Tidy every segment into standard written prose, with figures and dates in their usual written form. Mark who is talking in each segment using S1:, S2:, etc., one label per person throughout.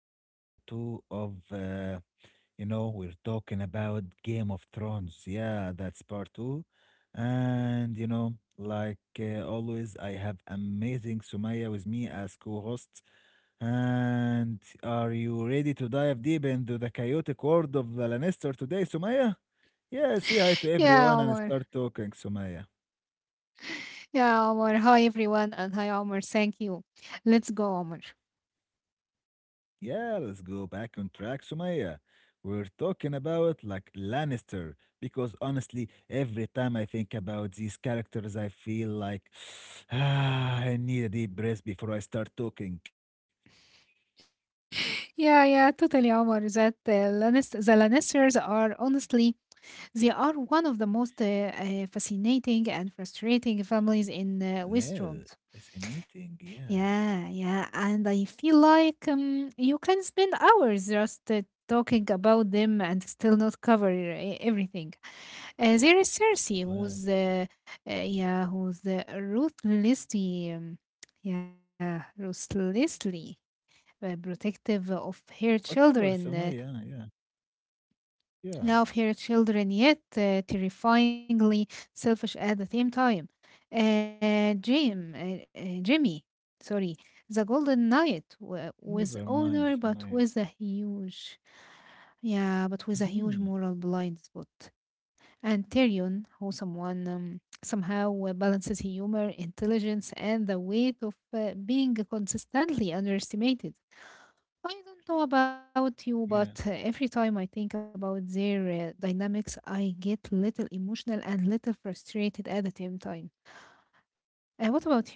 S1: to the part 2 of we're talking about Game of Thrones. Yeah, that's part 2. And always I have amazing Sumaya with me as co-host. And are you ready to dive deep into the chaotic world of the Lannister today, Sumaya? Yeah, say hi to
S2: Yeah,
S1: everyone
S2: Omar.
S1: and start talking, Sumaya.
S2: Yeah, Omar. Hi, everyone. And hi, Omar. Thank you. Let's go, Omar.
S1: Yeah, let's go back on track, Sumaya. We're talking about like Lannister because honestly, every time I think about these characters, I feel like ah, I need a deep breath before I start talking.
S2: Yeah, yeah, totally, Omar. The Lannisters are honestly, they are one of the most fascinating and frustrating families in
S1: Yeah,
S2: Westeros.
S1: fascinating. Yeah.
S2: Yeah, yeah, and I feel like you can spend hours just talking about them and still not cover everything. There is Cersei,
S1: Well,
S2: who's ruthlessly, yeah, ruthlessly protective of her
S1: whatever,
S2: children. uh,
S1: Sumaya. Yeah,
S2: now,
S1: yeah.
S2: of her children, yet terrifyingly selfish at the same time. Uh, Jimmy, sorry, the Golden Knight with
S1: Never
S2: honor,
S1: mind,
S2: but with
S1: Sumaya.
S2: a huge
S1: Hmm.
S2: moral blind spot. And Tyrion, who someone somehow balances humor, intelligence, and the weight of being consistently underestimated. I don't know about you,
S1: Yeah.
S2: but every time I think about their dynamics, I get little emotional and little frustrated at the same time. What about you, Omar?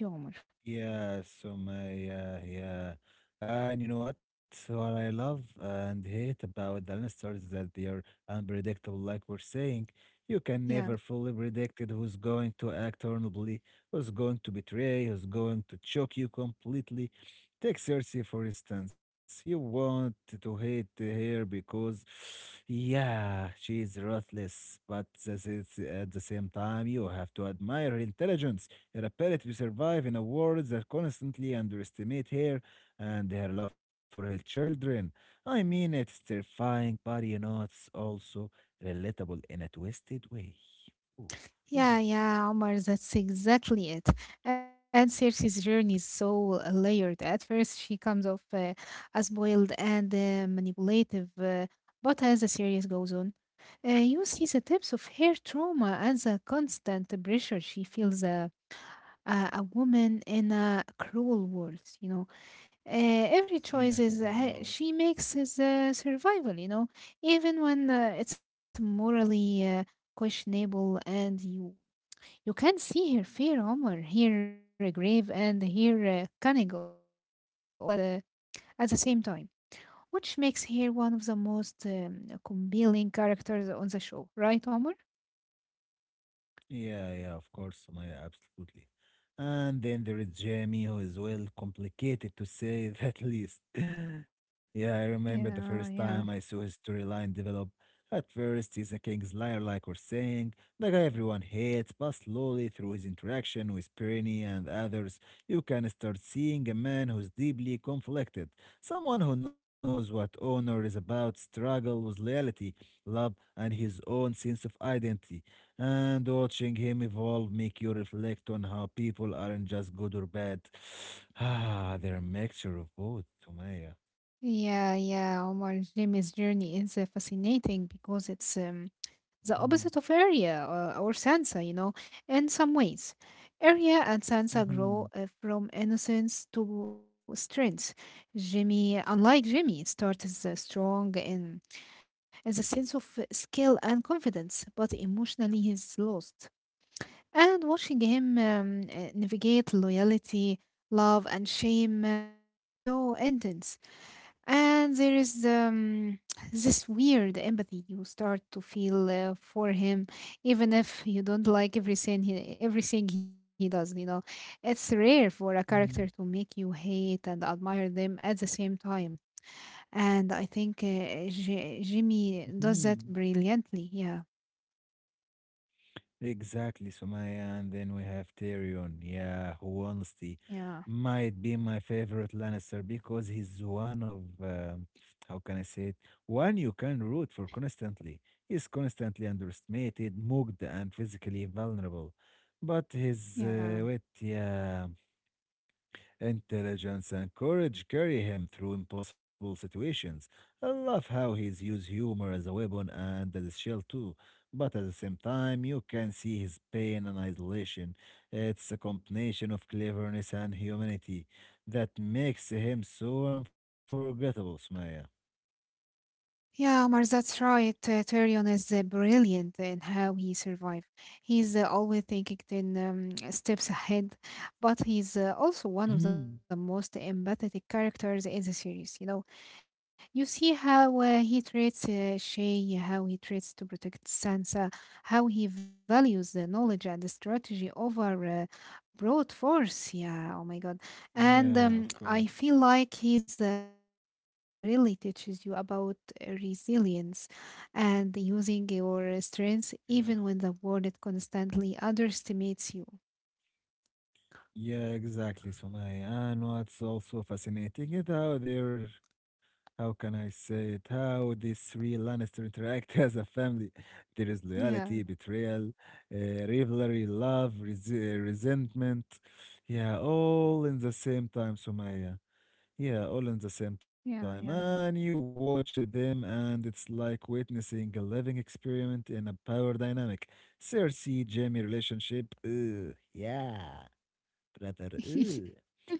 S1: Yeah, so my yeah, yeah. Uh, And you know what? So what I love and hate about the Lannisters is that they are unpredictable, like we're saying. You
S2: Yeah.
S1: can never fully predict it who's going to act honorably, who's going to betray, who's going to choke you completely. Take Cersei, for instance. You want to hate her because, yeah, she is ruthless, but at the same time, you have to admire her intelligence. Repeatedly survive in a world that constantly underestimates her and her love for her children. I mean, it's terrifying, but it's also relatable in a twisted way. Ooh,
S2: Yeah,
S1: yeah,
S2: yeah, Omar, that's exactly it. And Cersei's journey is so layered. At first, she comes off as boiled and manipulative, but as the series goes on, you see the tips of her trauma and the constant pressure she feels a woman in a cruel world, you know, every choice
S1: yeah,
S2: is he-
S1: cruel.
S2: she makes is survival, you know, even when it's morally questionable. And you can see her fear, Omar, her grave and her cunning all at the same time, which makes her one of the most compelling characters on the show, right, Omar?
S1: Yeah, yeah, of course, Maya, absolutely. And then there is Jamie, who is well complicated to say that least. Yeah, I remember the first
S2: Yeah,
S1: time I
S2: yeah.
S1: saw his storyline develop. At first, he's a king's liar, like we're saying, the guy everyone hates, but slowly through his interaction with Perny and others, you can start seeing a man who's deeply conflicted, someone who knows what honor is about, struggle with loyalty, love, and his own sense of identity. And watching him evolve make you reflect on how people aren't just good or bad. Ah, they're a mixture of both, Sumaya.
S2: Yeah, yeah, Omar, Jimmy's journey is fascinating because it's the
S1: Mm-hmm.
S2: opposite of area or Sansa, you know, in some ways. Arya and Sansa
S1: Mm-hmm.
S2: grow from innocence to strength. Jimmy, unlike Jimmy, starts as a sense of skill and confidence, but emotionally he's lost. And watching him navigate loyalty, love, and shame is so intense. And there is this weird empathy you start to feel for him, even if you don't like everything he does. You know, it's rare for a character to make you hate and admire them at the same time. And I think Jimmy does
S1: Mm-hmm.
S2: that brilliantly. Yeah,
S1: Exactly, Sumaya, and then we have Tyrion, yeah, who honestly
S2: yeah,
S1: might be my favorite Lannister because he's one of, how can I say it, one you can root for constantly. He's constantly underestimated, mugged, and physically vulnerable. But
S2: yeah.
S1: his wit, yeah, intelligence and courage carry him through impossible situations. I love how he's used humor as a weapon and as a shield too. But at the same time, you can see his pain and isolation. It's a combination of cleverness and humanity that makes him so unforgettable, Sumaya.
S2: Yeah, Omar, that's right. Tyrion is brilliant in how he survived. He's always thinking ten steps ahead, but he's also one of the
S1: Mhm.
S2: most empathetic characters in the series. You know, you see how he treats Shay, how he treats to protect Sansa, how he values the knowledge and the strategy over broad force, yeah. Oh my god. And
S1: Yeah, of
S2: I feel
S1: course.
S2: like he's a character that really teaches you about resilience and using your strengths
S1: Yeah.
S2: even when the world constantly underestimates you.
S1: Yeah, exactly, Sumaya. And what's also fascinating is how they're, how can I say it, how these three Lannister interact as a family. There is
S2: Yeah,
S1: loyalty, betrayal, rivalry, love, resentment. Yeah, all in the same time, Sumaya. Yeah, all in the same
S2: yeah,
S1: time.
S2: yeah.
S1: And you watch them, and it's like witnessing a living experiment in a power dynamic. Cersei Jamie relationship. Ugh, yeah, brother. Ew.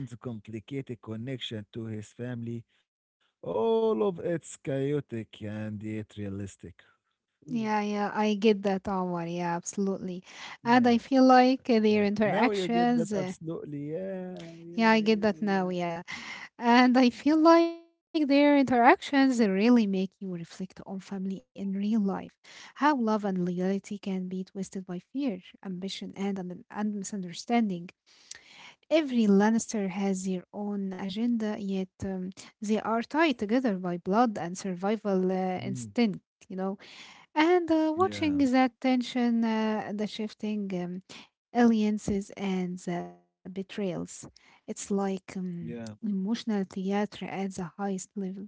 S1: Tyrion's complicated connection to his family, all of it's chaotic and yet realistic.
S2: Yeah,
S1: Ooh,
S2: yeah, I get that, Omar. Yeah, absolutely. And I feel
S1: yeah,
S2: like
S1: yeah. Now you get that absolutely.
S2: yeah,
S1: Yeah,
S2: I get
S1: yeah,
S2: that now.
S1: yeah,
S2: Yeah.
S1: yeah.
S2: And I feel like their interactions really make you reflect on family in real life, how love and loyalty can be twisted by fear, ambition, and misunderstanding. Every Lannister has their own agenda, yet they are tied together by blood and survival
S1: Mm,
S2: instinct, you know. And watching
S1: yeah,
S2: that tension, the shifting alliances and the betrayals. It's like
S1: yeah.
S2: emotional theater at the highest level.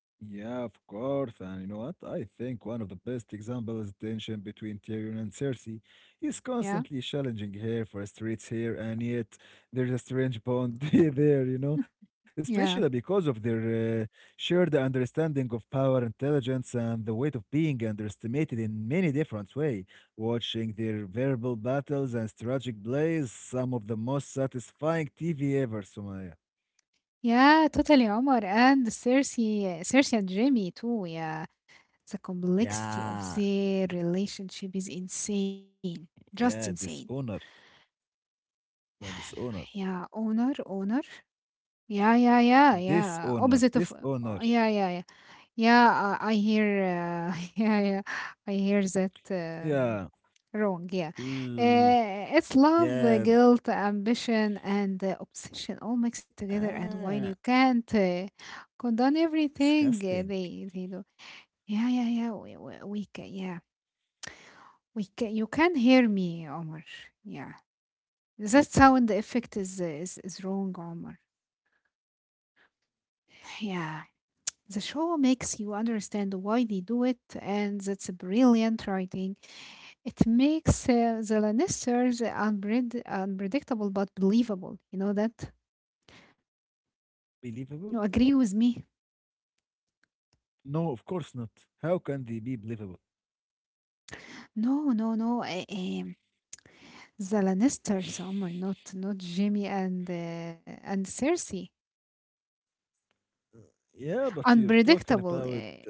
S1: Yeah, of course. And you know what? I think one of the best examples is tension between Tyrion and Cersei. He's
S2: Yeah,
S1: constantly challenging her for streets here, and yet there's a strange bond there, you know, especially because
S2: yeah,
S1: of their shared understanding of power, intelligence, and the weight of being underestimated in many different ways. Watching their verbal battles and strategic plays, some of the most satisfying TV ever, Sumaya.
S2: yeah, totally, Omar. And Cersei, Cersei and Jamie too. Yeah, the complexity of
S1: Yeah,
S2: their relationship is insane, just
S1: yeah,
S2: insane.
S1: dishonor. No, dishonor.
S2: Yeah, honor, honor. Yeah, yeah, yeah,
S1: Dishonor.
S2: yeah. Opposite of,
S1: Dishonor.
S2: oh, yeah, yeah, yeah, yeah. I hear, yeah, yeah. I hear that.
S1: Yeah.
S2: Wrong, yeah.
S1: Mm,
S2: It's love,
S1: yeah.
S2: guilt, ambition, and obsession all mixed together. And while you
S1: Ah,
S2: can't condone
S1: disgusting.
S2: everything, uh, they do. Yeah, yeah, yeah. We can, yeah, we can. You can hear me, Omar. Yeah, that sound effect is is wrong, Omar. Yeah, the show makes you understand why they do it, and that's a brilliant writing. It makes the Lannisters unpredictable but believable. You know that?
S1: Believable?
S2: You agree with me?
S1: No, of course not. How can they be believable?
S2: No, no, no. The Lannisters, Omar, not Jamie and Cersei.
S1: Uh, Yeah, but you're talking about.
S2: Unpredictable,
S1: Uh,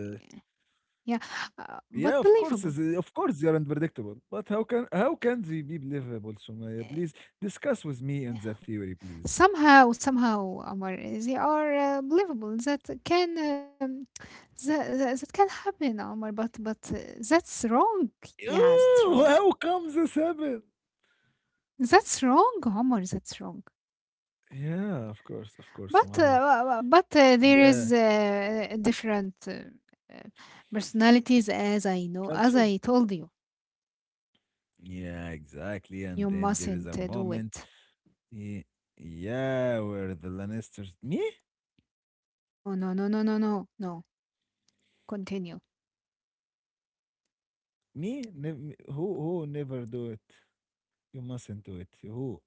S2: yeah,
S1: yeah,
S2: but
S1: of course,
S2: believable.
S1: of course, you're unpredictable. But how can they be believable,
S2: Eh,
S1: Sumaya? Please discuss with me and that theory, please.
S2: Somehow, somehow, Omar, they are believable. That can that can happen, Omar. But that's wrong. Yeah, that's wrong.
S1: Ooh, how comes this happen?
S2: That's wrong, Omar. That's wrong.
S1: Yeah, of course,
S2: But
S1: Sumaya.
S2: there
S1: Yeah,
S2: is different uh, personalities, as I know,
S1: culture.
S2: as I told you.
S1: Yeah, exactly. And
S2: You
S1: then there is a
S2: mustn't do
S1: moment,
S2: it.
S1: y- yeah, where the Lannisters, me,
S2: No, no, no, no, no, no, no. Continue.
S1: me, nev me- who, who never do it. You mustn't do it.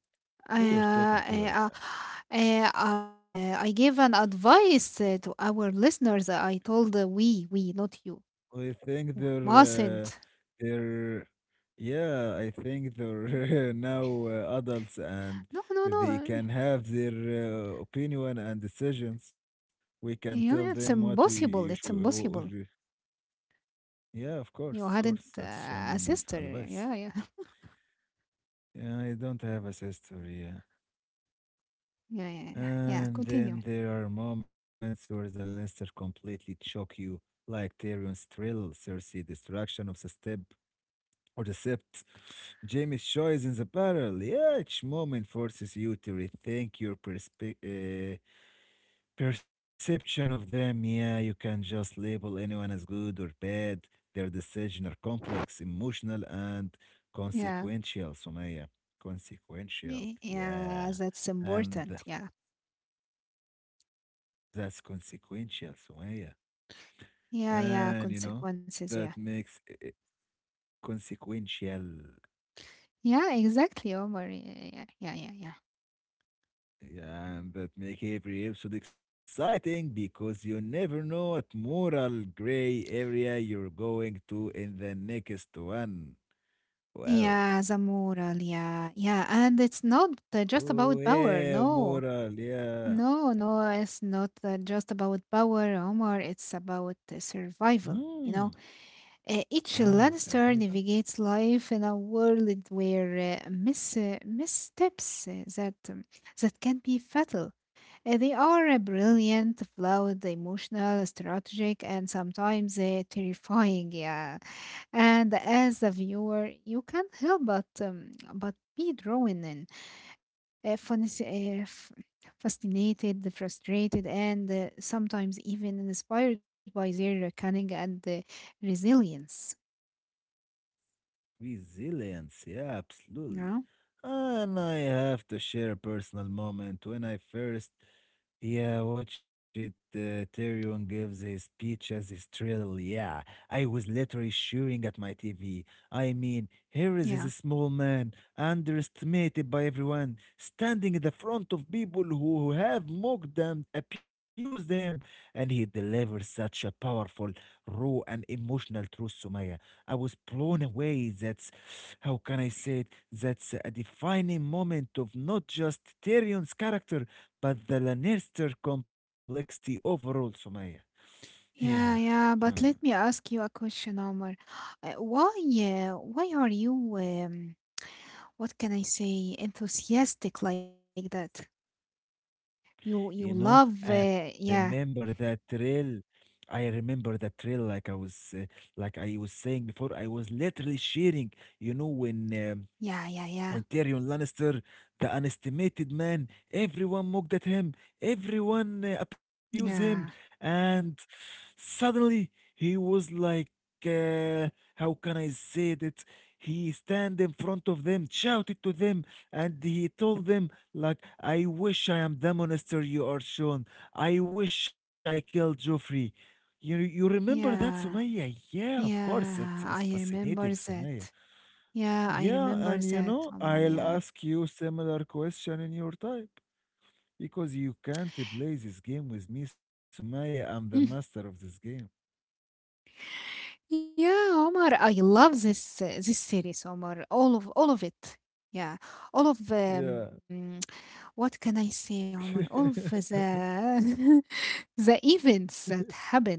S2: I
S1: Who you're talking
S2: uh,
S1: to right
S2: uh,
S1: now?
S2: I gave an advice to our listeners. I told we not you
S1: I think
S2: mustn't.
S1: they're, yeah, I think they're now adults
S2: No,
S1: and
S2: no, no. Uh,
S1: they can have their opinion and decisions. We can tell
S2: yeah,
S1: them what
S2: it's
S1: we you should.
S2: impossible. It's impossible.
S1: Yeah, of
S2: You
S1: course, of
S2: hadn't
S1: course. That's
S2: a
S1: an
S2: sister. Yeah,
S1: advice.
S2: yeah,
S1: I don't have a sister, yeah.
S2: yeah, yeah, yeah, yeah.
S1: And
S2: Continue.
S1: then there are moments where the Lannister completely choke you, like Tyrion's thrill, Cersei destruction of the step or the sept, Jamie's choice in the barrel. Yeah, each moment forces you to rethink your perspective. Perception of them, yeah, you can just label anyone as good or bad. Their decisions are complex, emotional, and
S2: Yeah,
S1: consequential, Sumaya. Consequential,
S2: Yeah,
S1: yeah.
S2: that's
S1: And
S2: important. Yeah,
S1: that's consequential, Sumaya.
S2: yeah, yeah.
S1: And you know,
S2: Consequences. Yeah,
S1: that makes it consequential.
S2: yeah, exactly, Omar. Yeah, yeah, yeah, yeah. Yeah,
S1: Yeah, and that make every episode exciting because you never know what moral gray area you're going to in the next one. Wow.
S2: yeah, the moral. Yeah, yeah. And it's not just
S1: Oh,
S2: about power.
S1: yeah,
S2: No,
S1: moral. Yeah.
S2: no, no. It's not just about power, Omar. It's about survival,
S1: Hmm.
S2: you know? Each
S1: Wow.
S2: Lannister
S1: Survival.
S2: navigates life in a world where missteps that can be fatal. They are brilliant, flawed, emotional, strategic, and sometimes terrifying. Yeah, and as a viewer, you can't help but be drawn in, uh, fasc- uh, f- fascinated, frustrated, and sometimes even inspired by their cunning and resilience.
S1: Resilience. Yeah, absolutely.
S2: Yeah,
S1: And I have to share a personal moment when I first, yeah, watch it. Tyrion gives his speech as his trill. Yeah, I was literally shooting at my TV. I mean, here
S2: yeah,
S1: is his small man, underestimated by everyone, standing in the front of people who have mocked them, abused him, and he delivers such a powerful, raw, and emotional truth, Sumaya. I was blown away. That's, how can I say it? That's a defining moment of not just Tyrion's character but the Lannister complexity overall, Sumaya. Yeah.
S2: yeah, yeah. But
S1: Hmm.
S2: let me ask you a question, Omar. Uh, why, why are you, what can I say, enthusiastic like that? You love,
S1: You know, I
S2: yeah,
S1: remember that trail. I remember that trail like I was saying before. I was literally sharing, you know, when um,
S2: yeah, yeah, yeah,
S1: when Tyrion Lannister, the underestimated man, everyone mocked at him, everyone abused him,
S2: yeah,
S1: and suddenly he was like, uh, how can I say that? He stand in front of them, shouted to them, and he told them, like, I wish I am the monster you are shown. I wish I killed Joffrey. You remember that,
S2: yeah,
S1: Sumaya? Yeah, of course, it was
S2: yeah. I
S1: fascinating,
S2: remember that.
S1: Sumaya.
S2: Yeah, I
S1: Yeah,
S2: remember
S1: and you
S2: that,
S1: know,
S2: Omar.
S1: I'll
S2: Yeah.
S1: ask you similar question in your type because you can't play this game with me, Sumaya. I'm the
S2: Mm.
S1: master of this game.
S2: Yeah, Omar, I love this series, Omar. All of it. Yeah, all of
S1: Yeah.
S2: what can I say, Omar? All of the the events that happened,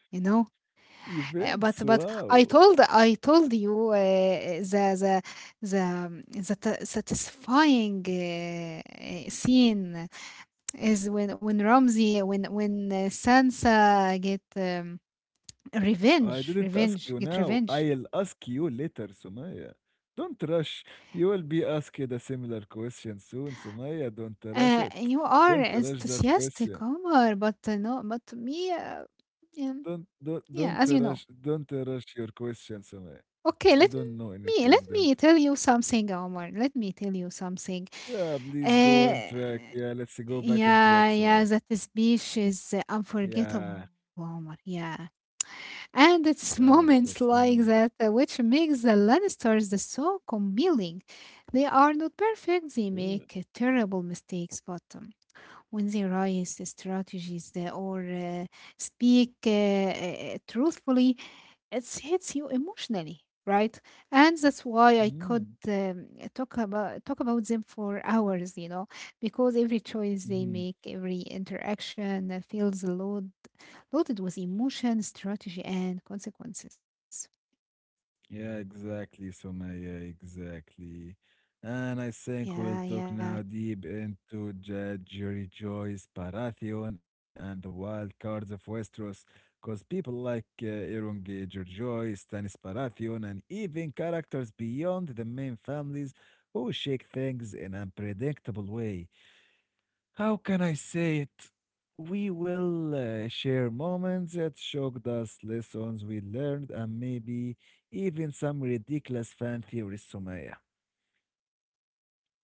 S2: you know. Uh,
S1: Events,
S2: but but
S1: wow.
S2: I told you the the the satisfying scene is when Ramsey, when Sansa get
S1: I didn't ask you
S2: get
S1: now.
S2: revenge.
S1: I'll ask you later, Sumaya. Don't rush. You will be asked a similar question soon, Sumaya. Don't rush
S2: You
S1: it.
S2: are
S1: Don't rush that
S2: enthusiastic,
S1: question.
S2: Omar, but no, but me,
S1: Don't
S2: um,
S1: don't don't
S2: yeah, as you
S1: rush
S2: know.
S1: don't rush your question, Sumaya.
S2: Okay,
S1: I don't know
S2: let me
S1: anything,
S2: tell
S1: do not.
S2: you something, Omar. Let me tell you something.
S1: Yeah, please
S2: Uh,
S1: go on track. Yeah, let's go back on track,
S2: yeah, yeah,
S1: Sumaya.
S2: that speech is
S1: Yeah,
S2: unforgettable, Omar. Yeah, and it's
S1: yeah, of
S2: moments
S1: course, I
S2: like
S1: know.
S2: that which makes the Lannisters so compelling. They are not perfect; they
S1: Uh,
S2: make terrible mistakes, but when they rise strategies or speak truthfully, it hits you emotionally right, and that's why I
S1: mhm,
S2: could talk about them for hours, you know, because every choice they
S1: mhm.
S2: make, every interaction feels loaded with emotion, strategy, and consequences.
S1: Yeah, exactly, Sumaya, exactly. And I
S2: Yeah,
S1: think we'll
S2: yeah.
S1: talk now deep into Jury Joyce, Baratheon, and the wild cards of Westeros, because people like Euron Greyjoy, Stannis Baratheon, and even characters beyond the main families who shake things in an unpredictable way. How can I say it? We will share moments that shocked us, lessons we learned, and maybe even some ridiculous fan theories, Sumaya.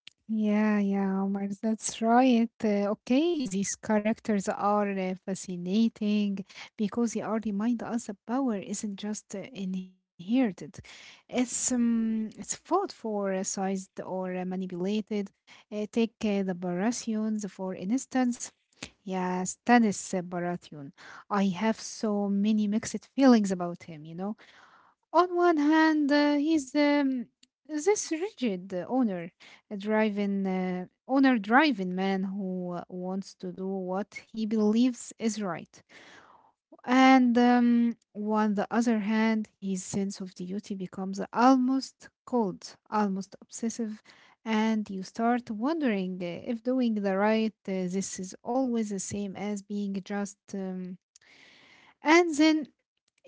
S2: Yeah, yeah, Omar, that's right. Okay, these characters are fascinating because they are remind us that power isn't just inherited. It's fought for, sized or manipulated. Take the Baratheons, for instance. Yeah, Stannis Baratheon. I have so many mixed feelings about him, you know. On one hand, he's this rigid owner, a driving owner driving man who wants to do what he believes is right. And on the other hand, his sense of duty becomes almost cold, almost obsessive, and you start wondering if doing the right this is always the same as being just. And then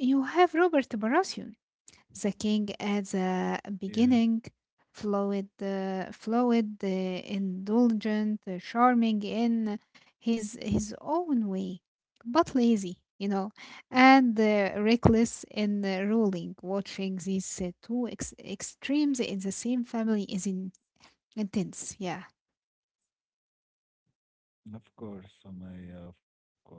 S2: you have Robert Baratheon, the king at the
S1: Yeah,
S2: beginning, fluid, indulgent, charming in his own way, but lazy, you know, and reckless in ruling. Watching these extremes in the same family is intense. Yeah,
S1: of course, Somaya, of course.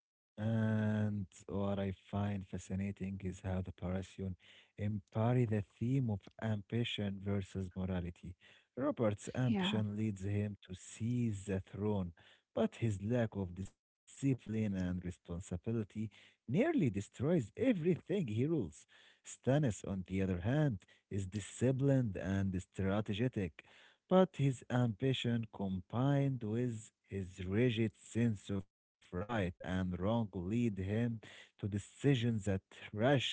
S1: And what I find fascinating is how the Parisian embody the theme of ambition versus morality. Robert's
S2: yeah,
S1: ambition leads him to seize the throne, but his lack of discipline and responsibility nearly destroys everything he rules. Stannis, on the other hand, is disciplined and strategic. But his ambition combined with his rigid sense of right and wrong lead him to decisions that rush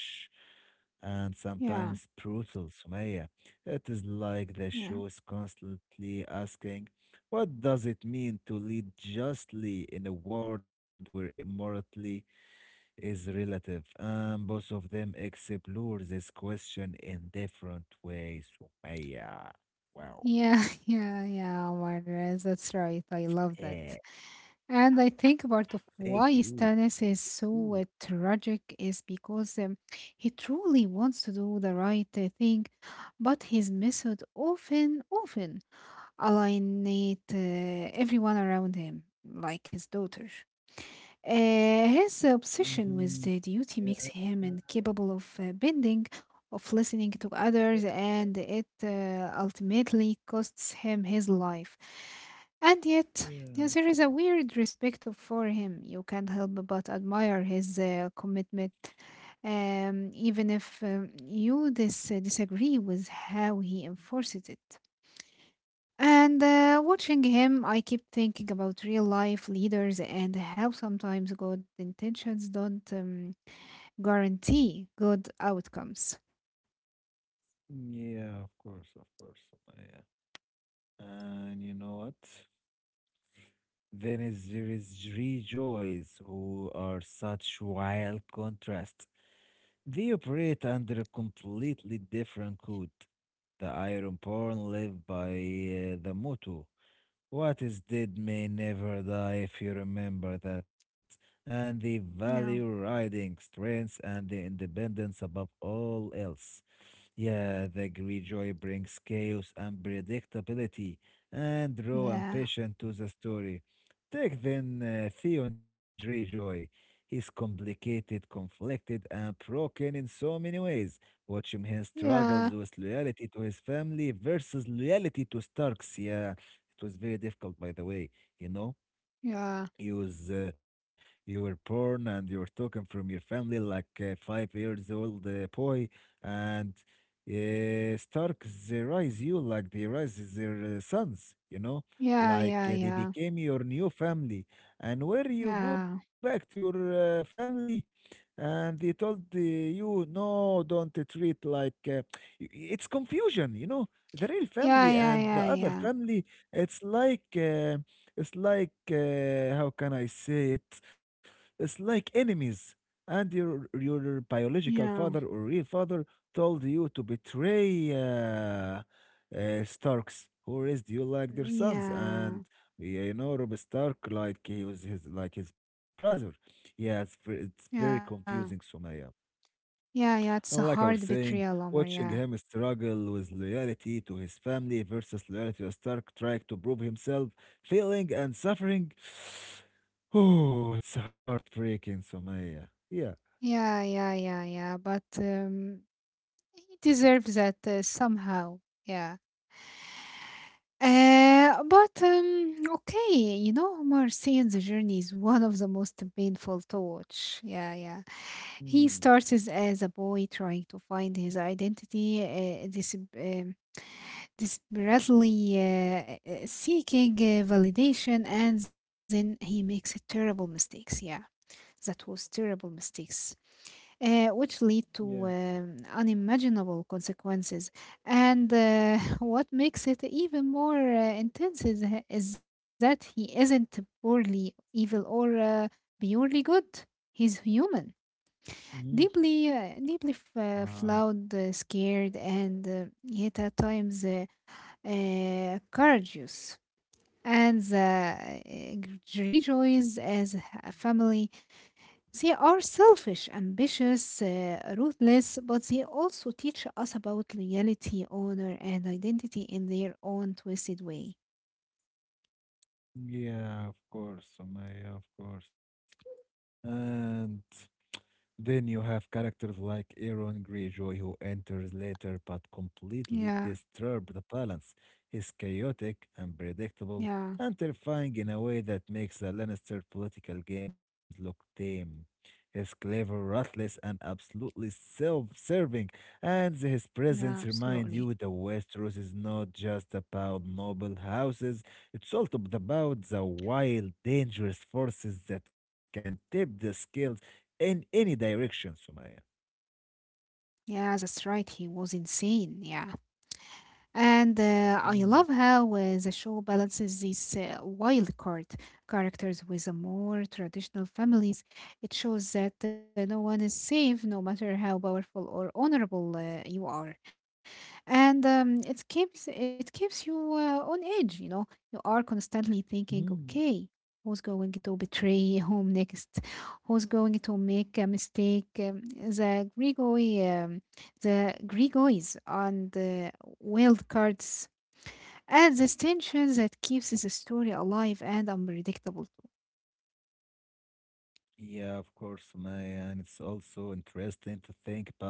S1: and
S2: yeah,
S1: sometimes brutal Sumaya. It is like the
S2: yeah.
S1: show is constantly asking, what does it mean to lead justly in a world where immorality is relative? And both of them explore this question in different ways. Sumaya. Wow.
S2: Yeah, yeah, yeah. Omar, that's right. I love that.
S1: Eh.
S2: And I think part of
S1: Thank you.
S2: why Stannis is
S1: Ooh.
S2: so tragic is because he truly wants to do the right thing, but his method often alienate everyone around him, like his daughter. His obsession
S1: Mhm.
S2: with the
S1: Yeah,
S2: duty makes him
S1: yeah,
S2: incapable of bending, of listening to others, and it ultimately costs him his life. And yet,
S1: yeah,
S2: yes, there is a weird respect for him. You can't help but admire his commitment, even if you disagree with how he enforces it. And watching him, I keep thinking about real life leaders and how sometimes good intentions don't guarantee good outcomes.
S1: mm, yeah, of course, of course. Yeah. And you know what? Then is there is three joys who are such wild contrast. They operate under a completely different code. The Ironborn live by the motto, what is dead may never die if you remember that, and the value
S2: Yeah.
S1: riding strength and the independence above all else. Yeah, the Greyjoy brings chaos and predictability and raw
S2: Yeah.
S1: ambition to the story. Take then Theon Greyjoy. He's complicated, conflicted, and broken in so many ways. Watch him he
S2: Yeah.
S1: struggles with loyalty to his family versus loyalty to Starks. Yeah, it was very difficult, by the way, you know?
S2: Yeah.
S1: you was uh, you were born and you were talking from your family like a 5 years old boy and Starks they raise you like they raise their sons you know
S2: Yeah,
S1: like
S2: yeah,
S1: they
S2: yeah,
S1: became your new family and where you go
S2: yeah,
S1: back to your family and he told you no don't treat like it's confusion you know the real
S2: yeah,
S1: family
S2: yeah,
S1: and the
S2: yeah,
S1: other
S2: yeah,
S1: family. It's like how can I say it? It's like enemies and your biological
S2: yeah.
S1: father or real father told you to betray Starks who raised you like their sons
S2: Yeah,
S1: and yeah, you know Rob Stark like he was his like his brother. Yeah, it's very
S2: yeah,
S1: confusing, Sumaya.
S2: yeah, yeah. It's a
S1: And
S2: hard
S1: like I was
S2: betrayal,
S1: saying,
S2: Omar. Yeah,
S1: watching him struggle with loyalty to his family versus loyalty to Stark, trying to prove himself, failing and suffering. Oh, it's heartbreaking, Sumaya. Yeah.
S2: yeah, yeah, yeah, yeah. But He deserves that somehow. Yeah. But Okay, you know, Omar, seeing the journey is one of the most painful to watch. Yeah, yeah.
S1: Mm,
S2: He starts as a boy trying to find his identity, desperately seeking validation, and then he makes a terrible mistakes. Yeah, that was terrible mistakes which lead
S1: yeah.
S2: to unimaginable consequences. And What makes it even more intense is that he isn't purely evil or purely good. He's human,
S1: Mhm.
S2: deeply, deeply
S1: Wow.
S2: flawed, scared, and yet at times courageous. And the rejoice as a family, they are selfish, ambitious, ruthless, but they also teach us about loyalty, honor, and identity in their own twisted way.
S1: Yeah, of course, Sumaya, of course. And then you have characters like Aaron Greyjoy, who enters later but completely
S2: Yeah,
S1: disturbs the balance. He's chaotic, unpredictable,
S2: yeah,
S1: and terrifying in a way that makes the Lannister political games look tame. He's clever, ruthless, and absolutely self-serving, and his
S2: yeah,
S1: presence reminds
S2: absolutely.
S1: you the Westeros is not just about noble houses, it's also about the wild, dangerous forces that can tip the scale in any direction, Sumaya.
S2: Yeah, that's right. He was insane. Yeah. And I love
S1: Mm,
S2: how the show balances these wild card characters with the more traditional families. It shows that no one is safe, no matter how powerful or honorable you are. And it keeps you on edge, you know. You are constantly thinking,
S1: mm.
S2: okay, who's going to betray whom next, who's going to make a mistake, the Grigoi, the Grigoys and the wild cards and the tension that keeps the story alive and unpredictable too.
S1: Yeah, of course, Sumaya, and it's also interesting to think about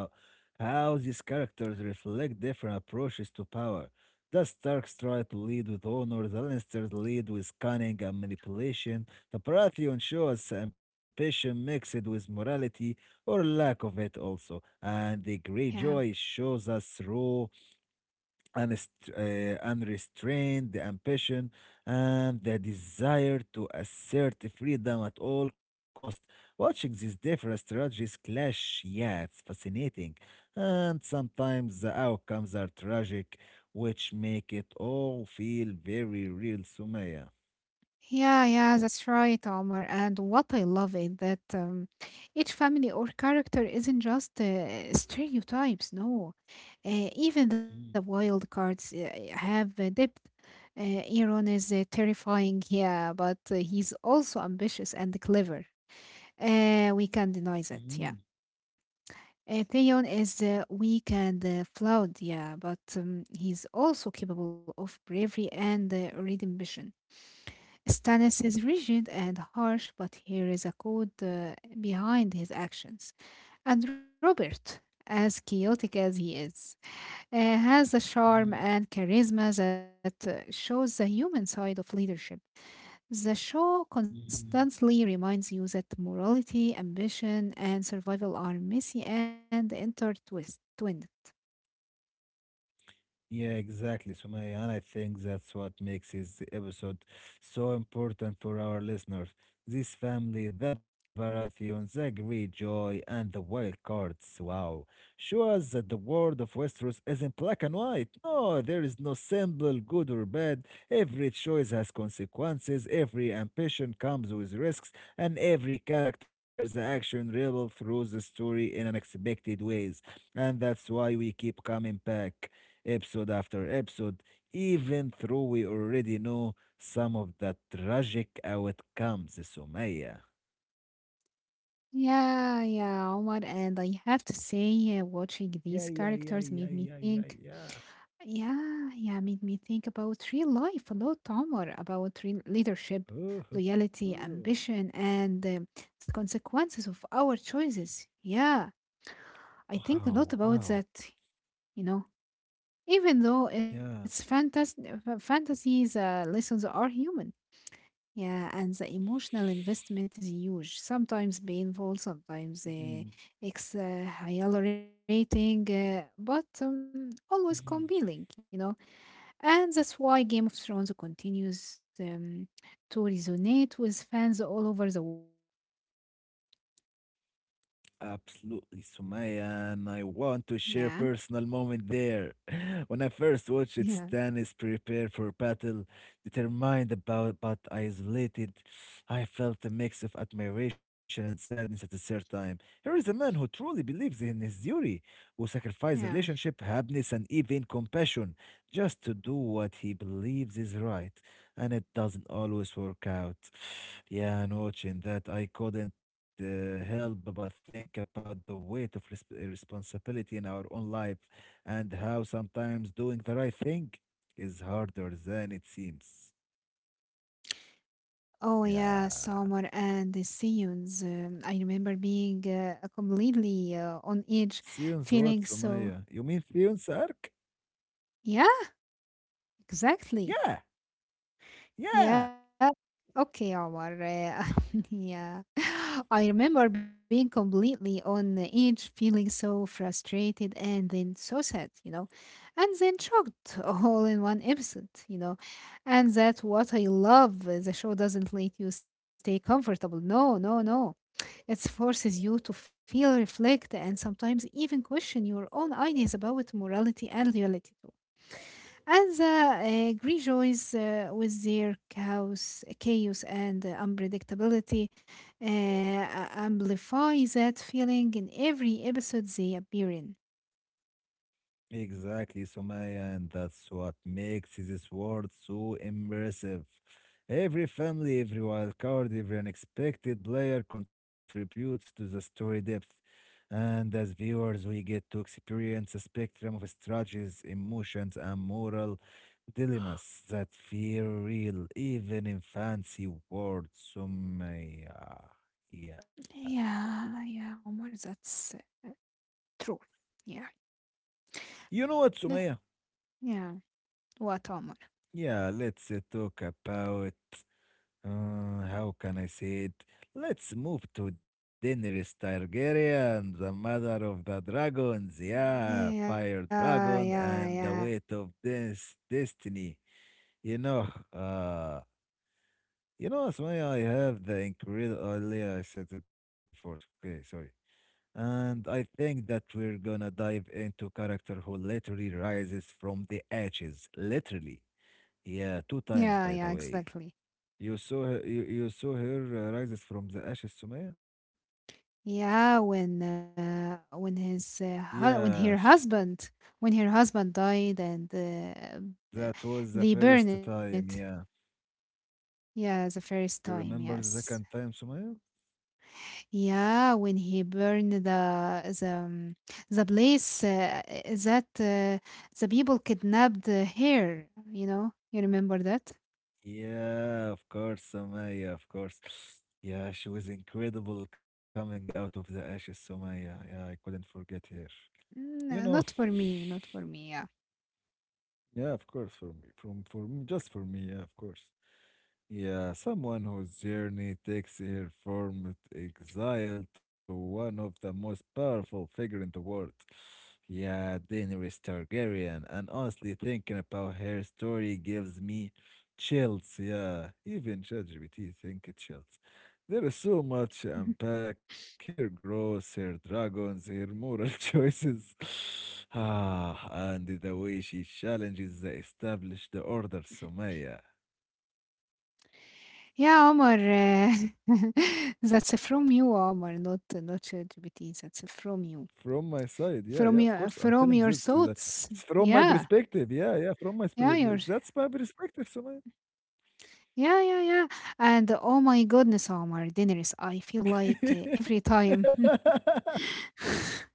S1: how these characters reflect different approaches to power. The Starks try to lead with honor, the Lannisters lead with cunning and manipulation, the Baratheon shows ambition mixed with morality or lack of it also, and the
S2: Yeah.
S1: Greyjoy shows us raw unrestrained ambition and the desire to assert freedom at all cost. Watching these different strategies clash, yeah, it's fascinating. And sometimes the outcomes are tragic, which make it all feel very real, Sumaya.
S2: Yeah, yeah, that's right, Omar. And what I love is that each family or character isn't just stereotypes, no. Even the
S1: Mm,
S2: wild cards have depth. Iron is terrifying, yeah, but he's also ambitious and clever. We can deny that,
S1: mm,
S2: yeah. Theon is weak and flawed, yeah, but he's also capable of bravery and redemption. Stannis is rigid and harsh, but here is a code behind his actions. And Robert, as chaotic as he is, has a charm
S1: mm,
S2: and charisma that shows the human side of leadership. The show
S1: mm.
S2: constantly reminds you that morality, ambition, and survival are messy and intertwined.
S1: Yeah, exactly, Sumaya. And I think that's what makes this episode so important for our listeners. This family, the Baratheon, the Great Joy, and the Wild Cards. Wow. Show us that the world of Westeros isn't black and white. No, there is no simple good or bad. Every choice has consequences, every ambition comes with risks, and every character's action revealed through the story in unexpected ways. And that's why we keep coming back episode after episode, even though we already know some of the tragic outcomes, Sumaya.
S2: Yeah, yeah, Omar, and I have to say, watching these
S1: Yeah, yeah,
S2: characters
S1: yeah,
S2: made me
S1: yeah, yeah,
S2: think.
S1: yeah, yeah.
S2: Yeah, yeah, made me think about real life a lot, Omar, about real leadership,
S1: Oh,
S2: loyalty, ambition, and the consequences of our choices. Yeah, I think a
S1: wow,
S2: lot about
S1: wow.
S2: that, you know, even though it's
S1: Yeah.
S2: fantasy, fantasies, lessons are human. Yeah, and the emotional investment is huge. Sometimes painful, sometimes
S1: Mhm,
S2: ex exhilarating, but always
S1: mhm.
S2: compelling, you know. And that's why Game of Thrones continues to resonate with fans all over the world.
S1: Absolutely, Sumaya, and I want to share
S2: Yeah.
S1: personal moment there. When I first watched it,
S2: Yeah,
S1: Stan is prepared for battle, determined about but isolated. I felt a mix of admiration and sadness at the same time. Here is a man who truly believes in his duty, who sacrificed
S2: yeah.
S1: relationship, happiness, and even compassion just to do what he believes is right, and it doesn't always work out. Yeah, and watching that, I couldn't help but think about the weight of responsibility in our own life and how sometimes doing the right thing is harder than it seems.
S2: Oh yeah, Summer
S1: Yeah.
S2: and the Seasons. I remember being completely on edge,
S1: Sions what,
S2: feeling so.
S1: Sumaya? You mean Sion Sark?
S2: Yeah, exactly.
S1: Yeah,
S2: Yeah.
S1: yeah.
S2: Okay, Omar. Yeah. I remember being completely on the edge, feeling so frustrated and then so sad, you know, and then shocked all in one episode, you know. And that's what I love. The show doesn't let you stay comfortable. No, no, no. It forces you to feel, reflect, and sometimes even question your own ideas about morality and reality. As rejoice with their chaos, chaos and unpredictability, amplify that feeling in every episode they appear in.
S1: Exactly, Sumaya, and that's what makes this world so immersive. Every family, every wild card, every unexpected player contributes to the story depth. And as viewers, we get to experience a spectrum of strategies, emotions, and moral dilemmas that feel real, even in fancy words, Sumaya. Yeah.
S2: Yeah, yeah, Omar, that's true. Yeah.
S1: You know what,
S2: Eh,
S1: Sumaya?
S2: yeah. What, Omar?
S1: Yeah, let's talk about. How can I say it? Let's move to Daenerys Targaryen, the mother of the dragons. Yeah,
S2: Yeah,
S1: fire
S2: yeah,
S1: dragon
S2: yeah,
S1: and the weight of this destiny. You know, uh, you know, Asmaya, I have the incredible. I said it before. Okay, sorry. And I think that we're gonna dive into character who literally rises from the ashes, literally. Yeah, two
S2: yeah, yeah.
S1: times, by the
S2: Exactly.
S1: way. You saw her, you saw her rises from the ashes, Sumaya?
S2: Yeah, when when her
S1: Yes,
S2: husband, when her husband died and
S1: that was the
S2: they
S1: first
S2: burned it.
S1: time. Yeah,
S2: Yeah, the first
S1: you
S2: time.
S1: remember the
S2: Yes.
S1: second time, Sumaya?
S2: Yeah, when he burned the the um, the place that the people kidnapped her. You know, you remember that?
S1: Yeah, of course, Sumaya, of course. Yeah, she was incredible coming out of the ashes, Sumaya. Yeah, I couldn't forget her. You
S2: Mm,
S1: know,
S2: not for me. Not for me. Yeah.
S1: yeah, of course, for me, from for me, just for me, yeah, of course. Yeah, someone whose journey takes her from exile to one of the most powerful figure in the world. Yeah, Daenerys Targaryen. And honestly, thinking about her story gives me chills. Yeah, even ChatGPT think it chills. There is so much to unpack her growth, her dragons, her moral choices. Ah, and the way she challenges the established order, Sumaya.
S2: يا عمر That's from you, Omar. Not not ChatGPT, that's from you,
S1: From my side, yeah, yeah, of course, I'm telling
S2: from
S1: you
S2: your
S1: is a-
S2: thoughts.
S1: it's from my
S2: Yeah,
S1: perspective. Yeah, yeah, from my
S2: yeah,
S1: spre- pre-
S2: your
S1: that's my perspective, Samaya.
S2: yeah, yeah, yeah. And oh my goodness, Omar, Daenerys, I feel like every time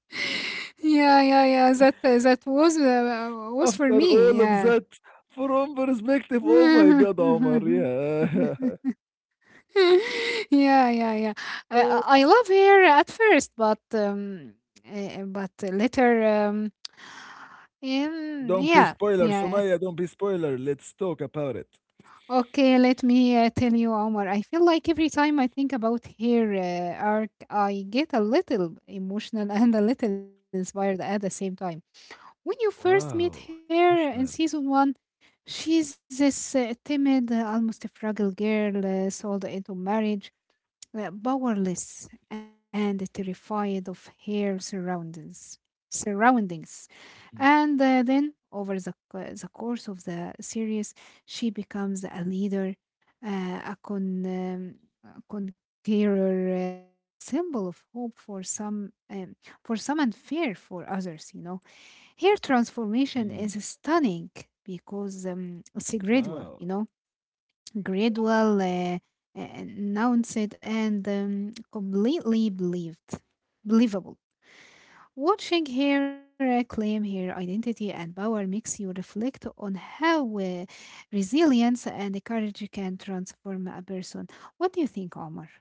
S2: yeah, yeah, yeah, that was
S1: After
S2: for
S1: all
S2: me,
S1: of
S2: yeah.
S1: that, from perspective, oh my God, Omar, yeah.
S2: Yeah, yeah, yeah. I love her at first, but later,
S1: Don't be
S2: yeah,
S1: spoiler,
S2: yeah.
S1: Sumaya, don't be spoiler. Let's talk about it.
S2: Okay, let me tell you, Omar. I feel like every time I think about her arc, I get a little emotional and a little inspired at the same time. When you first meet
S1: Wow,
S2: her in
S1: emotional.
S2: season one, she's this timid, almost a fragile girl sold into marriage, were powerless and terrified of her surroundings. Surroundings, and then over the course of the series, she becomes a leader, uh, a con. Um, a conqueror and a symbol of hope for some, for some and fear for others, you know. Her transformation
S1: Mhm.
S2: is stunning because it's gradual,
S1: Wow.
S2: you know. Gradual, announced and completely believed. Believable. Watching her claim her identity and power makes you reflect on how resilience and courage can transform a person. What do you think, Omar?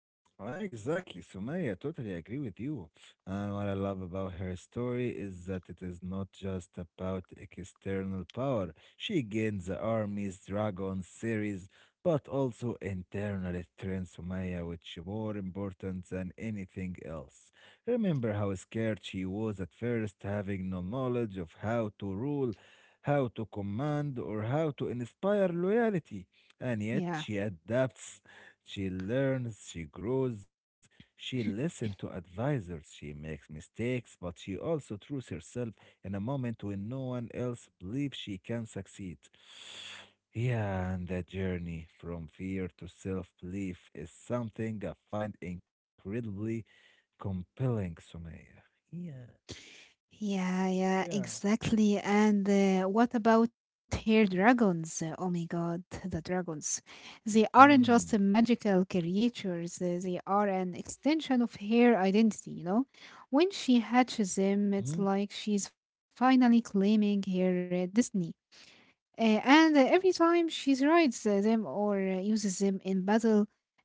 S1: Ah, exactly, Sumaya, totally agree with you. And what I love about her story is that it is not just about external power. She gains the armies, dragons, series, but also internal strength, Sumaya, which is more important than anything else. Remember how scared she was at first, having no knowledge of how to rule, how to command, or how to inspire loyalty. And yet
S2: Yeah.
S1: she adapts, she learns, she grows, she listens to advisors, she makes mistakes, but she also trusts herself in a moment when no one else believes she can succeed. Yeah, and that journey from fear to self belief is something I find incredibly compelling, Sumaya. Yeah,
S2: Yeah, yeah,
S1: yeah.
S2: exactly. And what about hair dragons? Oh my god, the dragons. They aren't just
S1: Mm.
S2: magical creatures, they are an extension of her identity, you know? When she hatches them,
S1: Mm.
S2: it's like she's finally claiming her destiny. And every time she rides them or uses them in battle,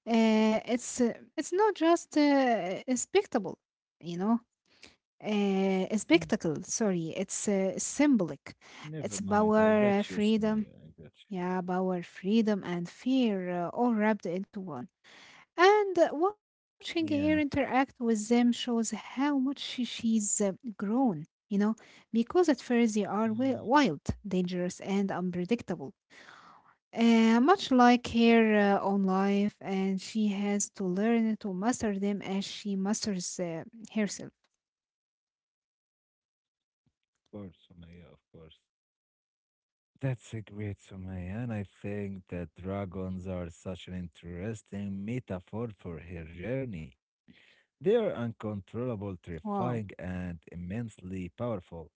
S2: it's not just respectable, you know, a
S1: mm.
S2: spectacle. Sorry, it's symbolic.
S1: Never
S2: It's
S1: mind. I
S2: power,
S1: got you,
S2: freedom,
S1: Sumaya. I got
S2: yeah, power, freedom, and fear all wrapped into one. And watching
S1: you.
S2: her
S1: Yeah.
S2: interact with them shows how much she's grown, you know, because at first they are
S1: Mm.
S2: wild, dangerous, and unpredictable. Much like her own life, and she has to learn to master them as she masters herself.
S1: Of course, Sumaya, of course. That's a great summary, and I think that dragons are such an interesting metaphor for her journey. They are uncontrollable, terrifying,
S2: Wow.
S1: and immensely powerful.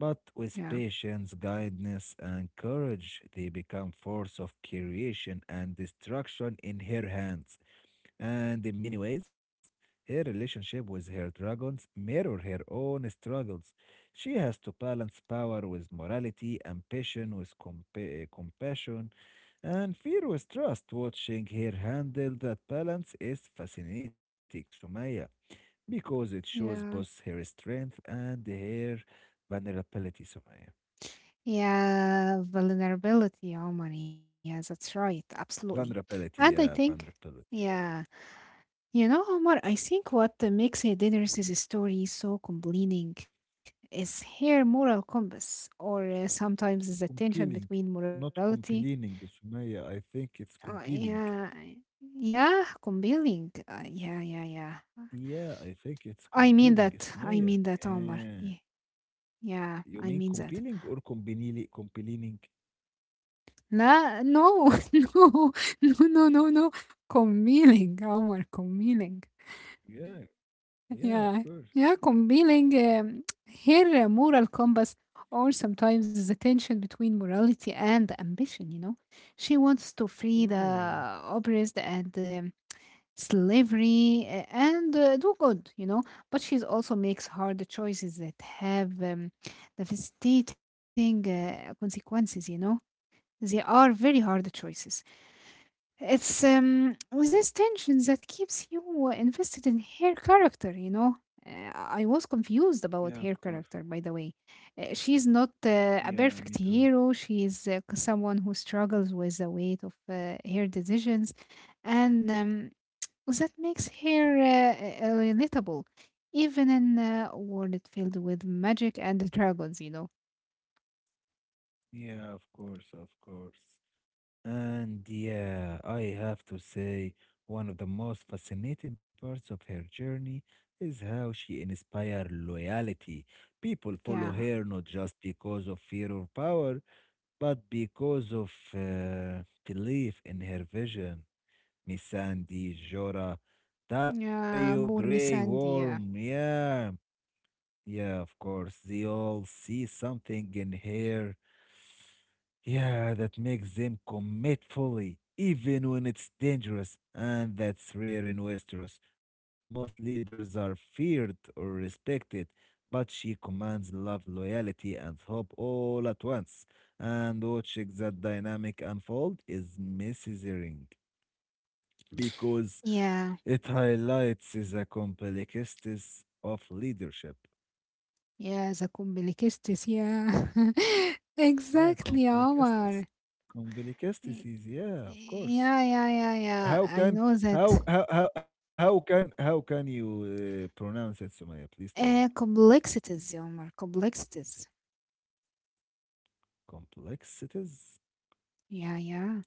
S1: But with
S2: Yeah.
S1: patience, guidance, and courage, they become force of creation and destruction in her hands. And in many ways, her relationship with her dragons mirror her own struggles. She has to balance power with morality, ambition with compassion, and fear with trust. Watching her handle that balance is fascinating, Sumaya, because it shows both
S2: Yeah.
S1: her strength and her vulnerability, Sumaya.
S2: Yeah, vulnerability, Omar. Yeah, that's right. Absolutely. And
S1: Vulnerability,
S2: I
S1: yeah,
S2: think,
S1: vulnerability, yeah.
S2: yeah, you know, Omar, I think what makes Daenerys' story so compelling is her moral compass, or sometimes the tension
S1: Compelling,
S2: between
S1: not
S2: morality.
S1: complaining, Sumaya. I think it's compelling.
S2: Yeah, yeah, compelling. Yeah, yeah, yeah.
S1: Yeah, I think it's compelling.
S2: I mean
S1: Sumaya.
S2: that. I mean that,
S1: Yeah.
S2: Omar. Yeah, yeah,
S1: You
S2: I
S1: mean
S2: mean that.
S1: compelling or compili compelling?
S2: Na no, no, no, no, no, no, combining عمر combining,
S1: Yeah,
S2: yeah,
S1: yeah, of course.
S2: yeah, combining here moral compass or sometimes the tension between morality and ambition, you know. She wants to free
S1: Oh,
S2: the oppressed and slavery and do good, you know. But she's also makes hard choices that have devastating consequences, you know, they are very hard choices. It's with this tension that keeps you invested in her character, you know. I was confused
S1: yeah, of
S2: about her
S1: course.
S2: character, by the way. She's not a
S1: Yeah, me
S2: perfect
S1: too.
S2: hero. She's someone who struggles with the weight of her decisions, and that makes her relatable, even in a world filled with magic and dragons, you know.
S1: Yeah, of course, of course. And yeah, I have to say, one of the most fascinating parts of her journey is how she inspires loyalty. People follow
S2: Yeah.
S1: her not just because of fear or power, but because of belief in her vision, Missandei, Jora, Dario,
S2: Yeah, poor
S1: Grey
S2: Miss Sandy.
S1: Worm, yeah, yeah, of course, they all see something in her, yeah, that makes them commit fully, even when it's dangerous, and that's rare in Westeros. Most leaders are feared or respected, but she commands love, loyalty, and hope all at once. And watching that dynamic unfold is mesmerizing because
S2: Yeah,
S1: it highlights the complexities of leadership.
S2: yeah, the complexities, yeah.
S1: Yeah,
S2: Exactly, Omar.
S1: complexities.
S2: Y-
S1: Complexities, yeah, of course.
S2: Yeah, yeah, yeah, yeah.
S1: How
S2: I
S1: can
S2: know that.
S1: how can you pronounce it, Sumaya? Please tell me.
S2: Complexities, sí, Omar, complexities.
S1: Complexities?
S2: Yeah, yeah.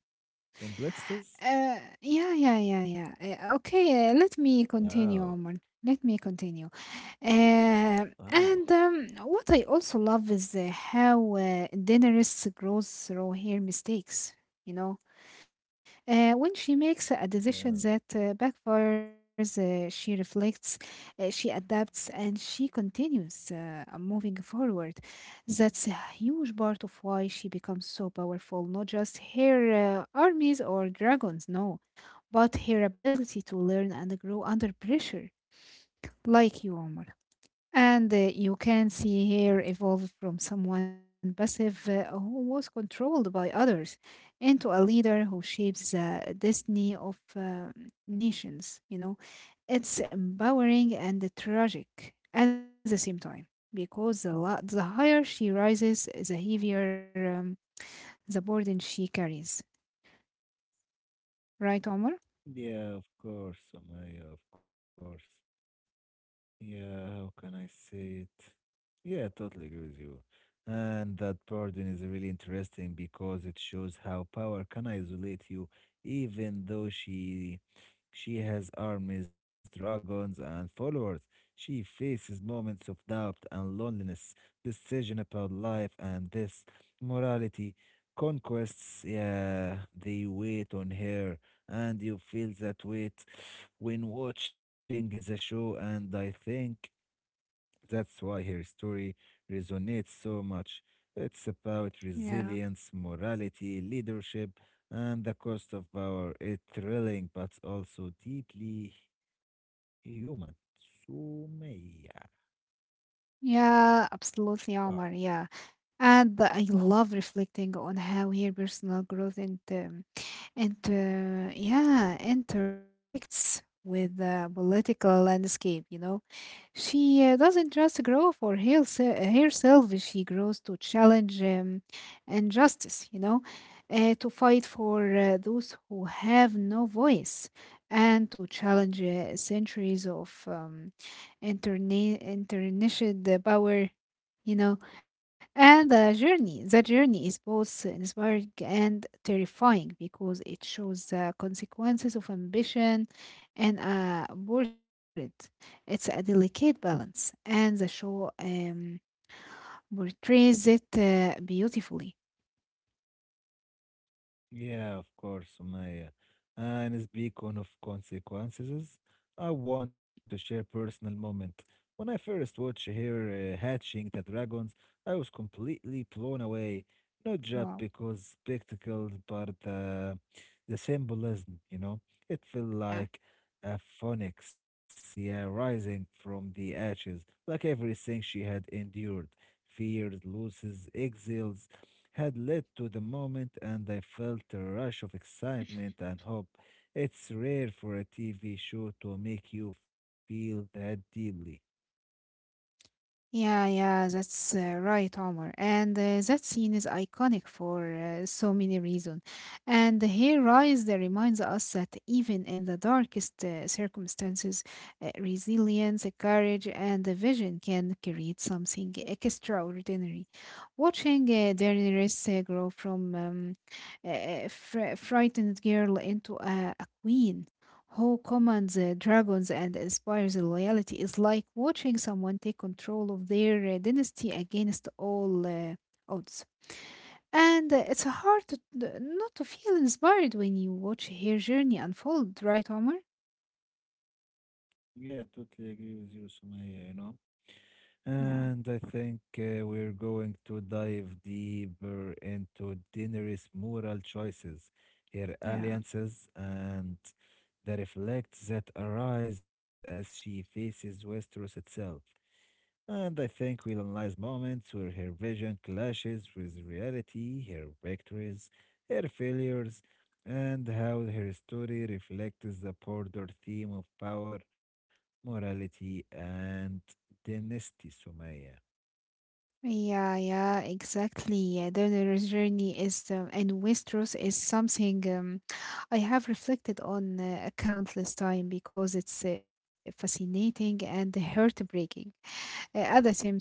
S1: Complexities?
S2: Yeah, yeah, yeah, yeah. Okay, let me
S1: Wow.
S2: continue, Omar. Let me continue. Uh,
S1: Wow.
S2: and What I also love is how Daenerys grows through her mistakes, you know? When she makes a decision that
S1: Yeah.
S2: backfires, she reflects, she adapts, and she continues moving forward. That's a huge part of why she becomes so powerful. Not just her armies or dragons, no, but her ability to learn and grow under pressure, like you, Omar. And you can see here evolve from someone passive who was controlled by others into a leader who shapes the destiny of nations. You know, it's empowering and tragic at the same time because the higher she rises, the heavier the burden she carries. Right, Omar?
S1: Yeah, of course, Sumaya, of course. Yeah, how can I say it? Yeah, I totally agree with you. And that pardon is really interesting because it shows how power can isolate you, even though she has armies, dragons, and followers. She faces moments of doubt and loneliness, decision about life and this morality, conquests, yeah, they wait on her and you feel that weight when watching the show, and I think that's why her story resonates so much. It's about
S2: Yeah.
S1: resilience, morality, leadership, and the cost of power. It's thrilling, but also deeply human. Sumaya.
S2: Yeah, absolutely,
S1: Wow.
S2: Omar. Yeah. And I love reflecting on how her personal growth and It yeah, intersects with the political landscape. You know, she doesn't just grow for herself; she grows to challenge injustice. You know, to fight for those who have no voice, and to challenge centuries of international power, you know. And the journey is both inspiring and terrifying because it shows the consequences of ambition and a brutal world. It's a delicate balance and the show portrays it beautifully.
S1: Yeah, of course, Sumaya. And speak on of consequences, I want to share personal moment. When I first watched her hatching the dragons, I was completely blown away. Not just
S2: Wow.
S1: because spectacles, but the symbolism. You know, it felt
S2: Yeah.
S1: like a phoenix, yeah, rising from the ashes, like everything she had endured, fears, losses, exiles had led to the moment, and I felt a rush of excitement and hope. It's rare for a TV show to make you feel that deeply.
S2: Yeah, yeah, that's right, Omar. And that scene is iconic for so many reasons. And here, Rise that reminds us that even in the darkest circumstances, resilience, courage, and the vision can create something extraordinary. Watching Daenerys grow from frightened girl into a queen who commands the dragons and inspires loyalty is like watching someone take control of their dynasty against all odds. And it's hard to, not to feel inspired when you watch her journey unfold, right, Omar?
S1: Yeah, totally agree with you, Sumaya, you know? And
S2: Yeah,
S1: I think we're going to dive deeper into Daenerys' moral choices, her
S2: yeah.
S1: alliances, and the reflects that arise as she faces Westeros itself. And I think we'll analyze moments where her vision clashes with reality, her victories, her failures, and how her story reflects the broader theme of power, morality, and dynasty, Sumaya.
S2: Yeah, yeah, exactly. Yeah, Daenerys' journey is, and Westeros is something I have reflected on countless time because it's fascinating and heartbreaking, at the same time.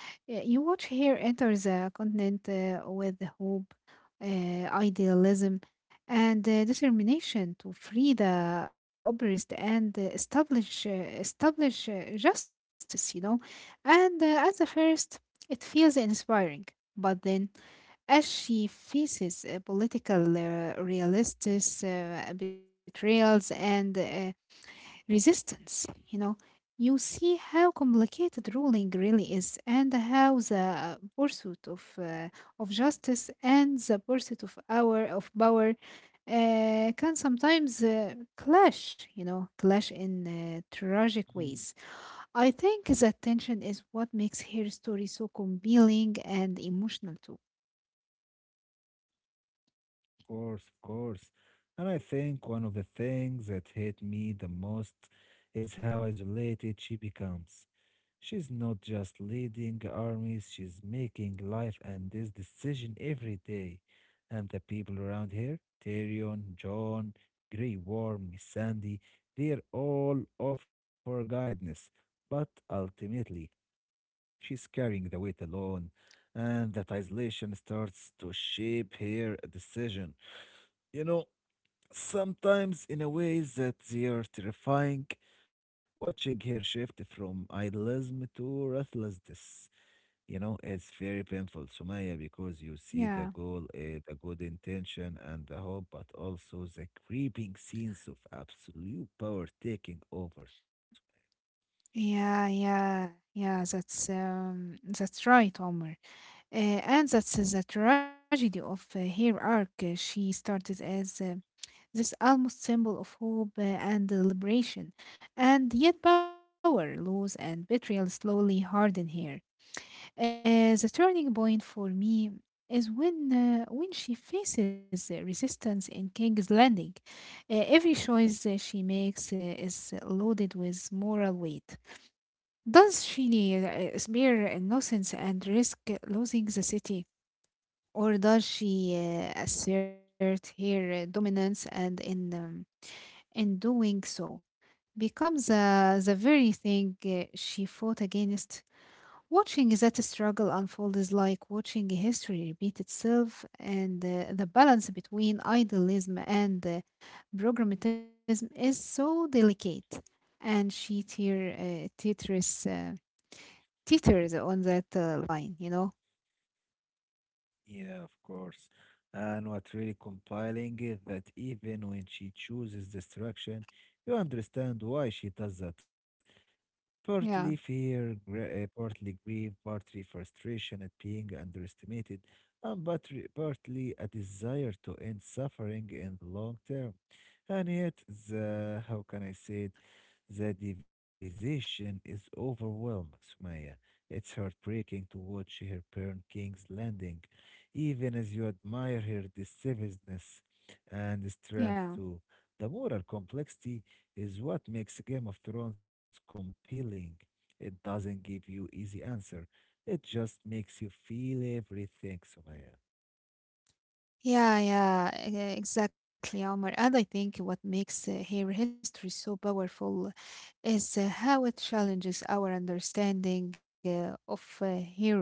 S2: You watch her enter the continent with hope, idealism, and determination to free the oppressed and establish justice. You know, and at the first, it feels inspiring. But then, as she faces political realists, betrayals, and resistance. You know, you see how complicated ruling really is, and how the pursuit of justice and the pursuit of power can sometimes clash. You know, clash in tragic ways. I think that tension is what makes her story so compelling and emotional too.
S1: Course, of course. And I think one of the things that hit me the most is how isolated she becomes. She's not just leading armies, she's making life and this decision every day. And the people around her, Tyrion, John, Grey Worm, Sandy, they're all offer guidance. But ultimately, she's carrying the weight alone, and that isolation starts to shape her decision. You know, sometimes in a way that they are terrifying, watching her shift from idealism to ruthlessness. You know, it's very painful, Sumaya, because you see the
S2: Yeah,
S1: goal, the good intention and the hope, but also the creeping scenes of absolute power taking over. Sumaya.
S2: yeah, yeah, yeah. That's right, Omar. And that's the tragedy of her arc. She started as this almost symbol of hope and liberation, and yet power, loss, and betrayal slowly harden her. The turning point for me is when she faces resistance in King's Landing. Every choice she makes is loaded with moral weight. Does she spare innocence and risk losing the city, or does she assert her dominance and in doing so becomes the very thing she fought against? Watching that struggle unfold is like watching history repeat itself, and the balance between idealism and programmatism is so delicate, and she tear teeters teeters on that line, you know.
S1: Yeah, of course. And what really compiling is that even when she chooses destruction, you understand why she does that. Partly
S2: Yeah,
S1: fear, partly grief, partly frustration at being underestimated, and partly a desire to end suffering in the long term. And yet, the how can I say it? The division is overwhelming, Sumaya. It's heartbreaking to watch her parent King's Landing, even as you admire her decisiveness and
S2: yeah.
S1: strength too. The moral complexity is what makes Game of Thrones compelling. It doesn't give you easy answer. It just makes you feel everything, Sumaya.
S2: Yeah, yeah, exactly, Omar. And I think what makes hair history so powerful is how it challenges our understanding of heroes.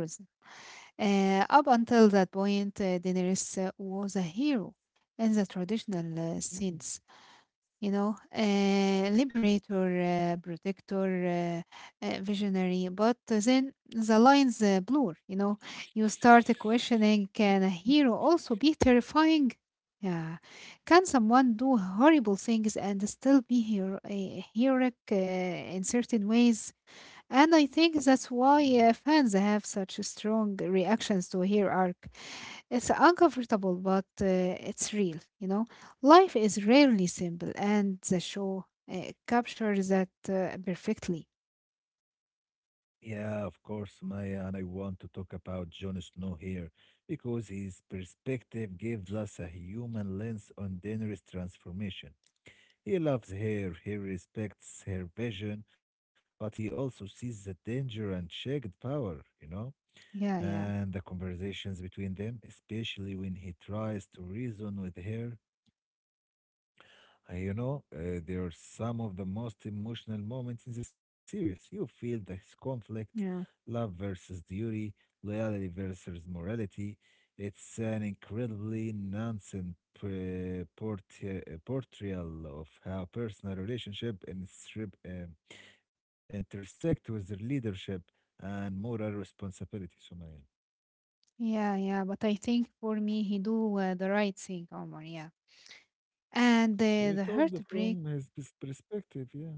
S2: Up until that point, Daenerys was a hero in the traditional
S1: Mm,
S2: sense, you know, liberator, protector, visionary. But then the lines blur, you know, you start questioning, can a hero also be terrifying? Yeah. Can someone do horrible things and still be a heroic in certain ways? And I think that's
S1: mm,
S2: why fans have such strong reactions to her arc. It's uncomfortable, but it's real, you know. Life is rarely simple, and the show captures that perfectly.
S1: yeah, of course, Maya, and I want to talk about Jon Snow here because his perspective gives us a human lens on Daenerys' transformation. He loves her, he respects her vision, but he also sees the danger and shared power, you know?
S2: Yeah, yeah,
S1: And the conversations between them, especially when he tries to reason with her. They are some of the most emotional moments in the series. You feel this conflict,
S2: yeah,
S1: love versus duty, loyalty versus morality. It's an incredibly nonsense portrayal of how personal relationship and strip, intersect with their leadership and moral responsibility, Sumaya.
S2: yeah, yeah. But I think for me, he do the right thing, Omar. Yeah, and
S1: We
S2: the
S1: told
S2: heartbreak.
S1: from his perspective, yeah.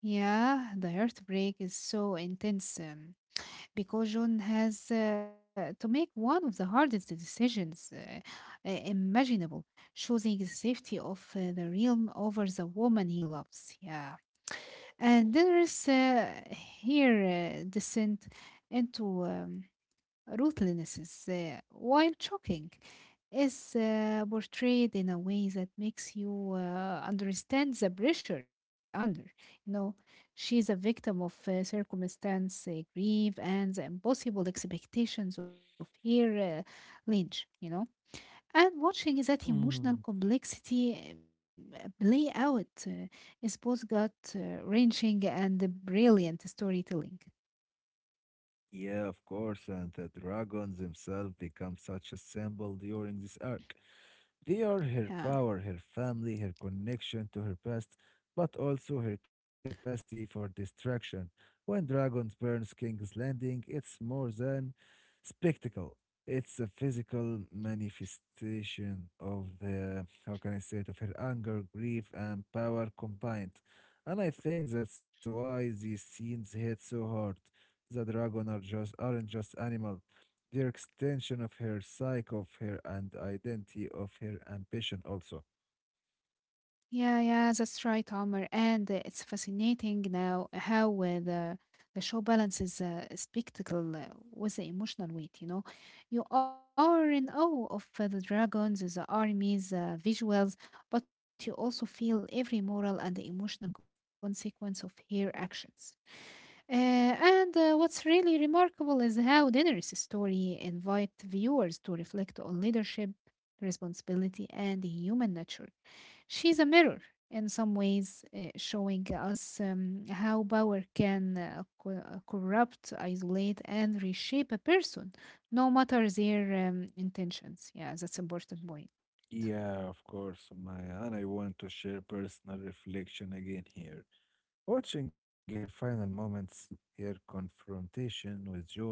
S2: Yeah, the heartbreak is so intense. Because John has to make one of the hardest decisions imaginable, choosing the safety of the realm over the woman he loves. Yeah, and there is here descent into ruthlessness, while shocking, is portrayed in a way that makes you understand the pressure she's under. You know, she's a victim of circumstance, grief, and the impossible expectations of her lineage, you know. And watching that emotional
S1: Mm.
S2: complexity play out is both gut wrenching and brilliant storytelling.
S1: Yeah, of course, and the dragons themselves become such a symbol during this arc. They are her
S2: Yeah.
S1: power, her family, her connection to her past, but also her capacity for distraction. When dragons burns King's Landing, it's more than spectacle. It's a physical manifestation of the, how can I say it, of her anger, grief, and power combined. And I think that's why these scenes hit so hard. The dragon are just aren't just animal their extension of her psyche of her and identity of her ambition also.
S2: Yeah, yeah, that's right, Omar. And it's fascinating now how the show balances spectacle with the emotional weight. You know, you are in awe of the dragons, the armies, visuals, but you also feel every moral and emotional consequence of her actions. And what's really remarkable is how Daenerys' story invite viewers to reflect on leadership, responsibility, and human nature. She's a mirror in some ways, showing us how power can corrupt, isolate, and reshape a person, no matter their intentions. Yeah, that's important point.
S1: Yeah, of course, Maya. And I want to share personal reflection again here. Watching her final moments, her confrontation with John,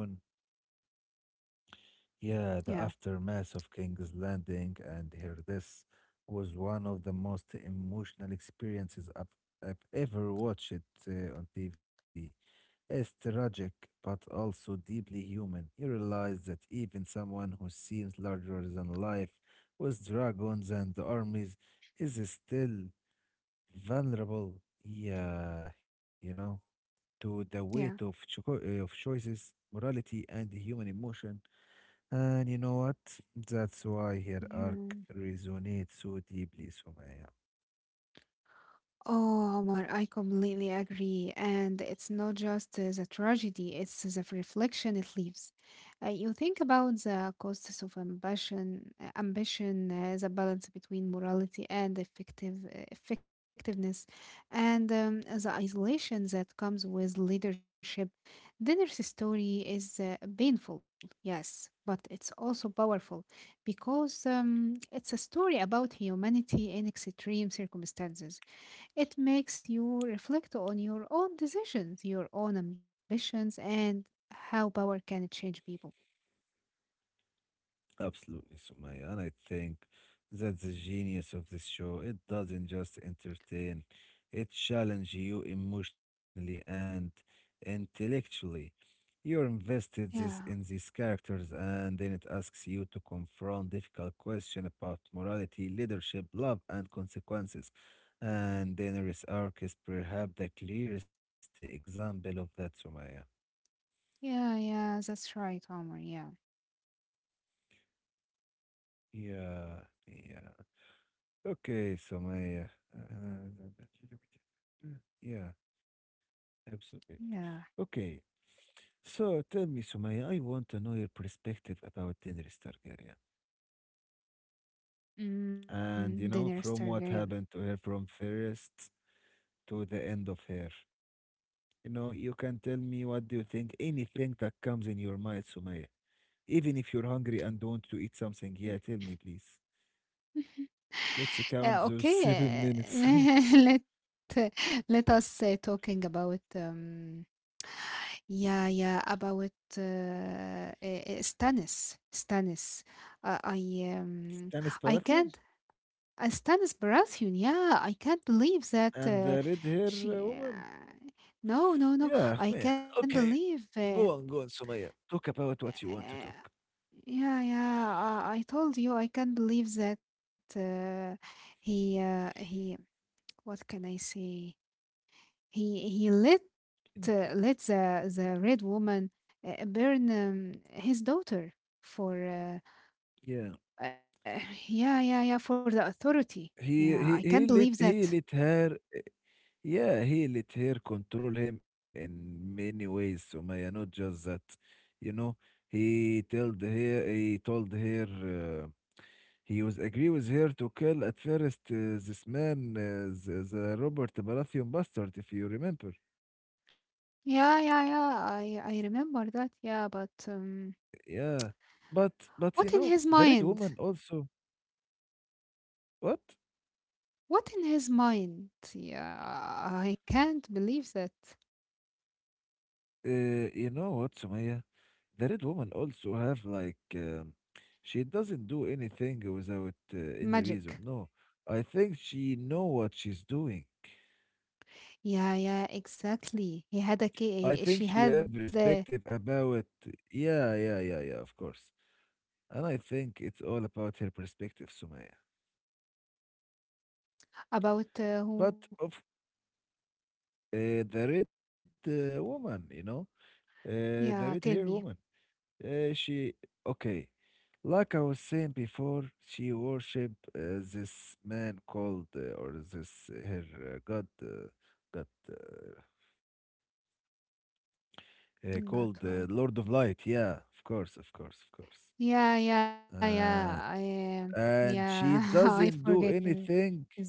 S1: yeah,
S2: Yeah,
S1: the aftermath of King's Landing and her death was one of the most emotional experiences I've ever watched on TV. It's tragic, but also deeply human. You realize that even someone who seems larger than life, with dragons and armies, is still vulnerable. Yeah, you know, to the weight
S2: yeah,
S1: of, of choices, morality, and human emotion. And you know what? That's why her
S2: yeah.
S1: arc resonates so deeply, Sumaya.
S2: Oh, Omar, I completely agree. And it's not just the tragedy, it's the reflection it leaves. You think about the costs of ambition, the balance between morality and effectiveness, and the isolation that comes with leadership. Dinner's story is painful, yes, but it's also powerful because it's a story about humanity in extreme circumstances. It makes you reflect on your own decisions, your own ambitions, and how power can change people.
S1: Absolutely, Sumaya. And I think that's the genius of this show. It doesn't just entertain, it challenges you emotionally and intellectually. You're invested this in
S2: Yeah,
S1: these characters, and then it asks you to confront difficult questions about morality, leadership, love, and consequences. And Daenerys Arc is perhaps the clearest example of that, Sumaya.
S2: yeah, yeah, that's right, Omar. Yeah,
S1: Yeah, yeah. Okay, Sumaya. Uh, Yeah, absolutely.
S2: yeah.
S1: Okay, so tell me, Sumaya, I want to know your perspective about Daenerys Targaryen.
S2: Mm,
S1: And you
S2: Daenerys
S1: know, from
S2: Targaryen.
S1: what happened to her from first to the end of her. You know, you can tell me what do you think, anything that comes in your mind, Sumaya. Even if you're hungry and want to eat
S2: Mm.
S1: something, yeah, tell me please. Let's count those seven
S2: Okay,
S1: minutes.
S2: let us talking about yeah, yeah, about Stannis. Stannis. Uh, I um,
S1: Stanis
S2: I
S1: Palathion
S2: can't. Stannis Baratheon. Yeah, I can't believe that
S1: and the red hair
S2: she.
S1: woman.
S2: No, no,
S1: Yeah,
S2: no.
S1: man.
S2: I can't
S1: Okay.
S2: believe.
S1: Go on, go on, Sumaya. Talk about what you want to
S2: Uh,
S1: talk.
S2: yeah, yeah. I told you I can't believe that he he. What can I say? He let
S1: Anything.
S2: the red woman burn his daughter for
S1: Yeah.
S2: uh, yeah, yeah, yeah, for the authority. Yeah,
S1: He
S2: I
S1: he
S2: can't
S1: he
S2: believe
S1: lit
S2: that.
S1: he lit her. Yeah, he let her control him in many ways, Sumaya, not just that. You know, he told her, he was agree with her to kill at first this man, the Robert Baratheon bastard, if you remember.
S2: Yeah, yeah, yeah. I remember that. Yeah, but
S1: Yeah, but you
S2: what in
S1: know,
S2: his
S1: the Red
S2: mind?
S1: Woman also. What?
S2: What in his mind? Yeah, I can't believe that
S1: You know what, Sumaya? The red woman also have like she doesn't do anything without any
S2: magic.
S1: reason. No, I think she know what she's doing.
S2: Yeah, yeah, exactly. He had a
S1: I
S2: ca-
S1: think
S2: she
S1: she
S2: had
S1: have perspective about yeah, yeah, yeah, yeah, of course. And I think it's all about her perspective, Sumaya.
S2: about who?
S1: But of the red woman, you know, the red
S2: Yeah,
S1: hair
S2: tell me.
S1: woman, she okay. Like I was saying before, she worship this man called or this her god god called
S2: That one.
S1: Lord of Light. Yeah, of course, of course, of course.
S2: Yeah, yeah, yeah.
S1: Uh,
S2: I
S1: and
S2: yeah,
S1: she
S2: I
S1: doesn't do
S2: forget his
S1: anything.
S2: name.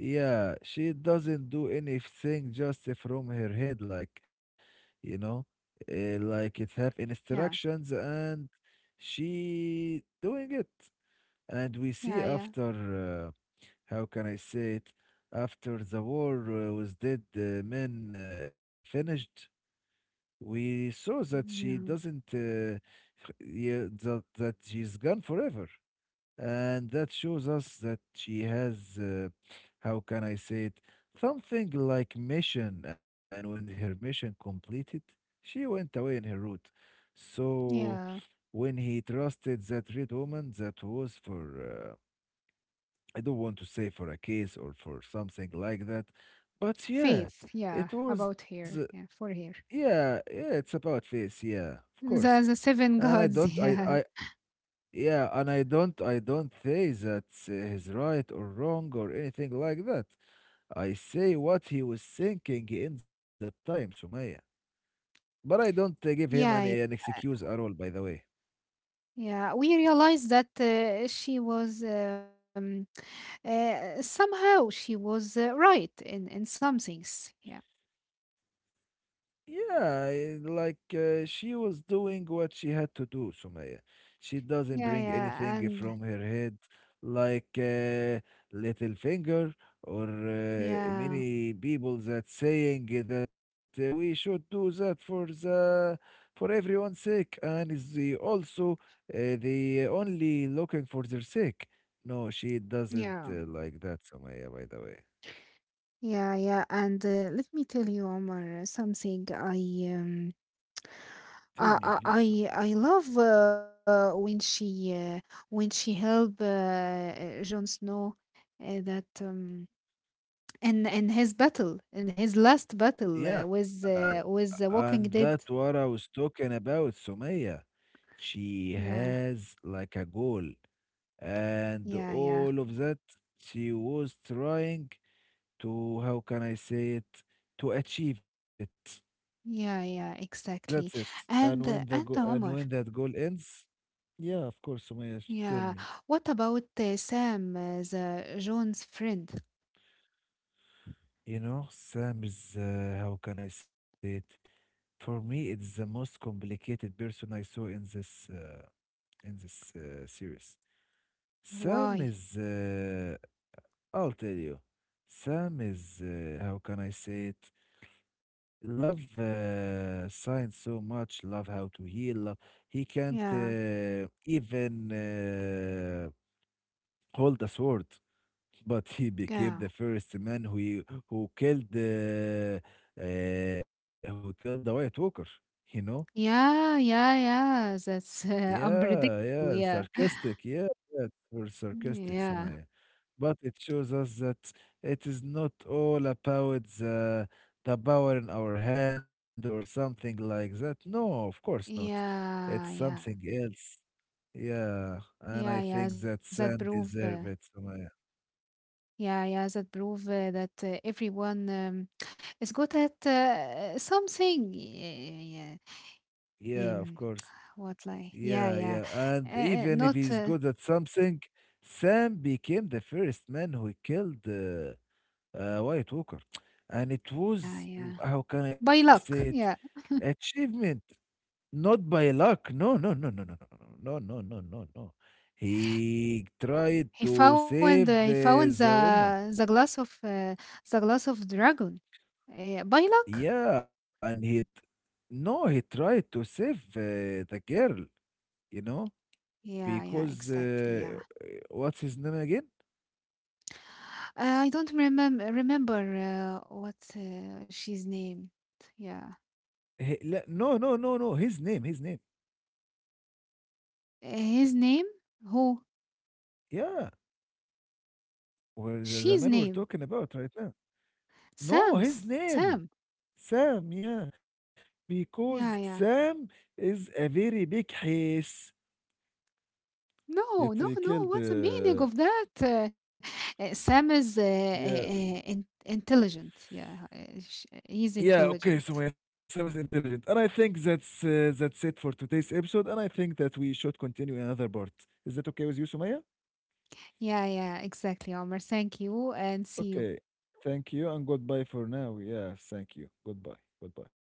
S1: Yeah, she doesn't do anything just from her head, like you know, like it have
S2: Yeah,
S1: instructions, and she doing it. And we
S2: yeah,
S1: see
S2: yeah,
S1: after. How can I say it? After the war was dead, men finished. We saw that she
S2: yeah,
S1: doesn't, yeah, that she's gone forever, and that shows us that she has, how can I say it, something like mission. And when her mission completed, she went away in her route. So
S2: yeah.
S1: when he trusted that red woman, that was for I don't want to say for a case or for something like that, but
S2: Faith.
S1: yeah,
S2: Yeah,
S1: it
S2: about
S1: was
S2: here. Yeah, for here.
S1: yeah, yeah, it's about face, yeah, of course.
S2: The
S1: And
S2: seven gods.
S1: I yeah, and I don't say that he's right or wrong or anything like that. I say what he was thinking in that time, Sumaya. But I don't give him
S2: Yeah, yeah,
S1: an
S2: yeah.
S1: excuse at all, by the way.
S2: Yeah, we realized that she was somehow she was right in some things. Yeah,
S1: Yeah, eh, like she was doing what she had to do, Sumaya. She doesn't
S2: yeah,
S1: bring
S2: yeah,
S1: anything
S2: and
S1: from her head, like little finger or
S2: yeah,
S1: many people that saying that we should do that for the for everyone's sake, and is the also uh, the only looking for their sake. No, she
S2: yeah.
S1: doesn't like that, Sumaya. By the way,
S2: Yeah, yeah, and let me tell you, Omar, something
S1: tell me, please, Sumaya.
S2: I love when she help Jon Snow that in his battle in his last battle
S1: Yeah,
S2: with the
S1: and
S2: Walking
S1: that's
S2: Dead.
S1: what I was talking about, Sumaya. She
S2: Yeah,
S1: has like a goal, and
S2: yeah, yeah,
S1: all of that she was trying to, how can I say it, to achieve it.
S2: yeah, yeah,
S1: That's it.
S2: exactly.
S1: And when
S2: And
S1: the
S2: uh,
S1: go
S2: and uh,
S1: and when
S2: Omar,
S1: that goal ends, yeah, of course, Sumaya, tell
S2: yeah,
S1: me.
S2: what about Sam, the Jon's friend?
S1: You know, Sam is, how can I say it? For me, it's the most complicated person I saw in this, series.
S2: Why?
S1: Sam is, I'll tell you, Sam is, how can I say it? Love science so much, love how to heal, love. He can't
S2: Yeah,
S1: even hold a sword, but he became
S2: yeah.
S1: the first man who who killed uh, who killed the White Walker. You know?
S2: Yeah, yeah, yeah. That's
S1: Yeah, yeah,
S2: unpredictable. Yeah,
S1: sarcastic. Yeah, yeah, for sarcastic,
S2: yeah,
S1: Sumaya. But it shows us that it is not all about the power in our hand or something like that. No, of course not. It's
S2: yeah,
S1: something
S2: yeah,
S1: else. Yeah. And
S2: yeah,
S1: I
S2: yeah.
S1: think
S2: That
S1: that
S2: prove,
S1: Sam deserves it, Sumaya.
S2: yeah, yeah. That prove that everyone is good at something. Yeah, yeah.
S1: Yeah, of course.
S2: What like? Yeah,
S1: Yeah,
S2: yeah.
S1: yeah. And even
S2: Not.
S1: if he's good at something, Sam became the first man who killed White Walker. And it
S2: Yeah,
S1: was, mm,
S2: yeah.
S1: how can I
S2: By
S1: say it,
S2: luck. Yeah,
S1: achievement. Not by luck. No, no, no, no, no, no, no, no, no, no, no. No, no. He tried
S2: he
S1: to
S2: found.
S1: save
S2: He found the
S1: the woman.
S2: glass of the glass of dragon. By luck.
S1: Yeah, and no, he tried to save the girl, you know,
S2: Yeah, yeah, exactly.
S1: because
S2: Yeah,
S1: what's his name again?
S2: I don't remember what she's named. Yeah,
S1: No, no, no, no, his name, his name.
S2: His name? Who?
S1: Yeah, where
S2: She's
S1: the man
S2: name?
S1: we're talking about right now.
S2: Sam.
S1: No, his
S2: Sam.
S1: name, Sam, yeah, because
S2: Yeah, yeah.
S1: Sam is a very big hiss.
S2: No,
S1: It
S2: no, no. What's
S1: killed.
S2: the meaning of that? Sam is
S1: Yeah,
S2: in intelligent. Yeah, he's
S1: yeah.
S2: intelligent.
S1: Okay, so my son is intelligent, and I think that's it for today's episode. And I think that we should continue another part. Is that okay with you, Sumaya?
S2: Yeah, yeah, exactly, Omar. Thank you, and see you.
S1: Okay. Thank you, and goodbye for now. Yeah, thank you. Goodbye. Goodbye.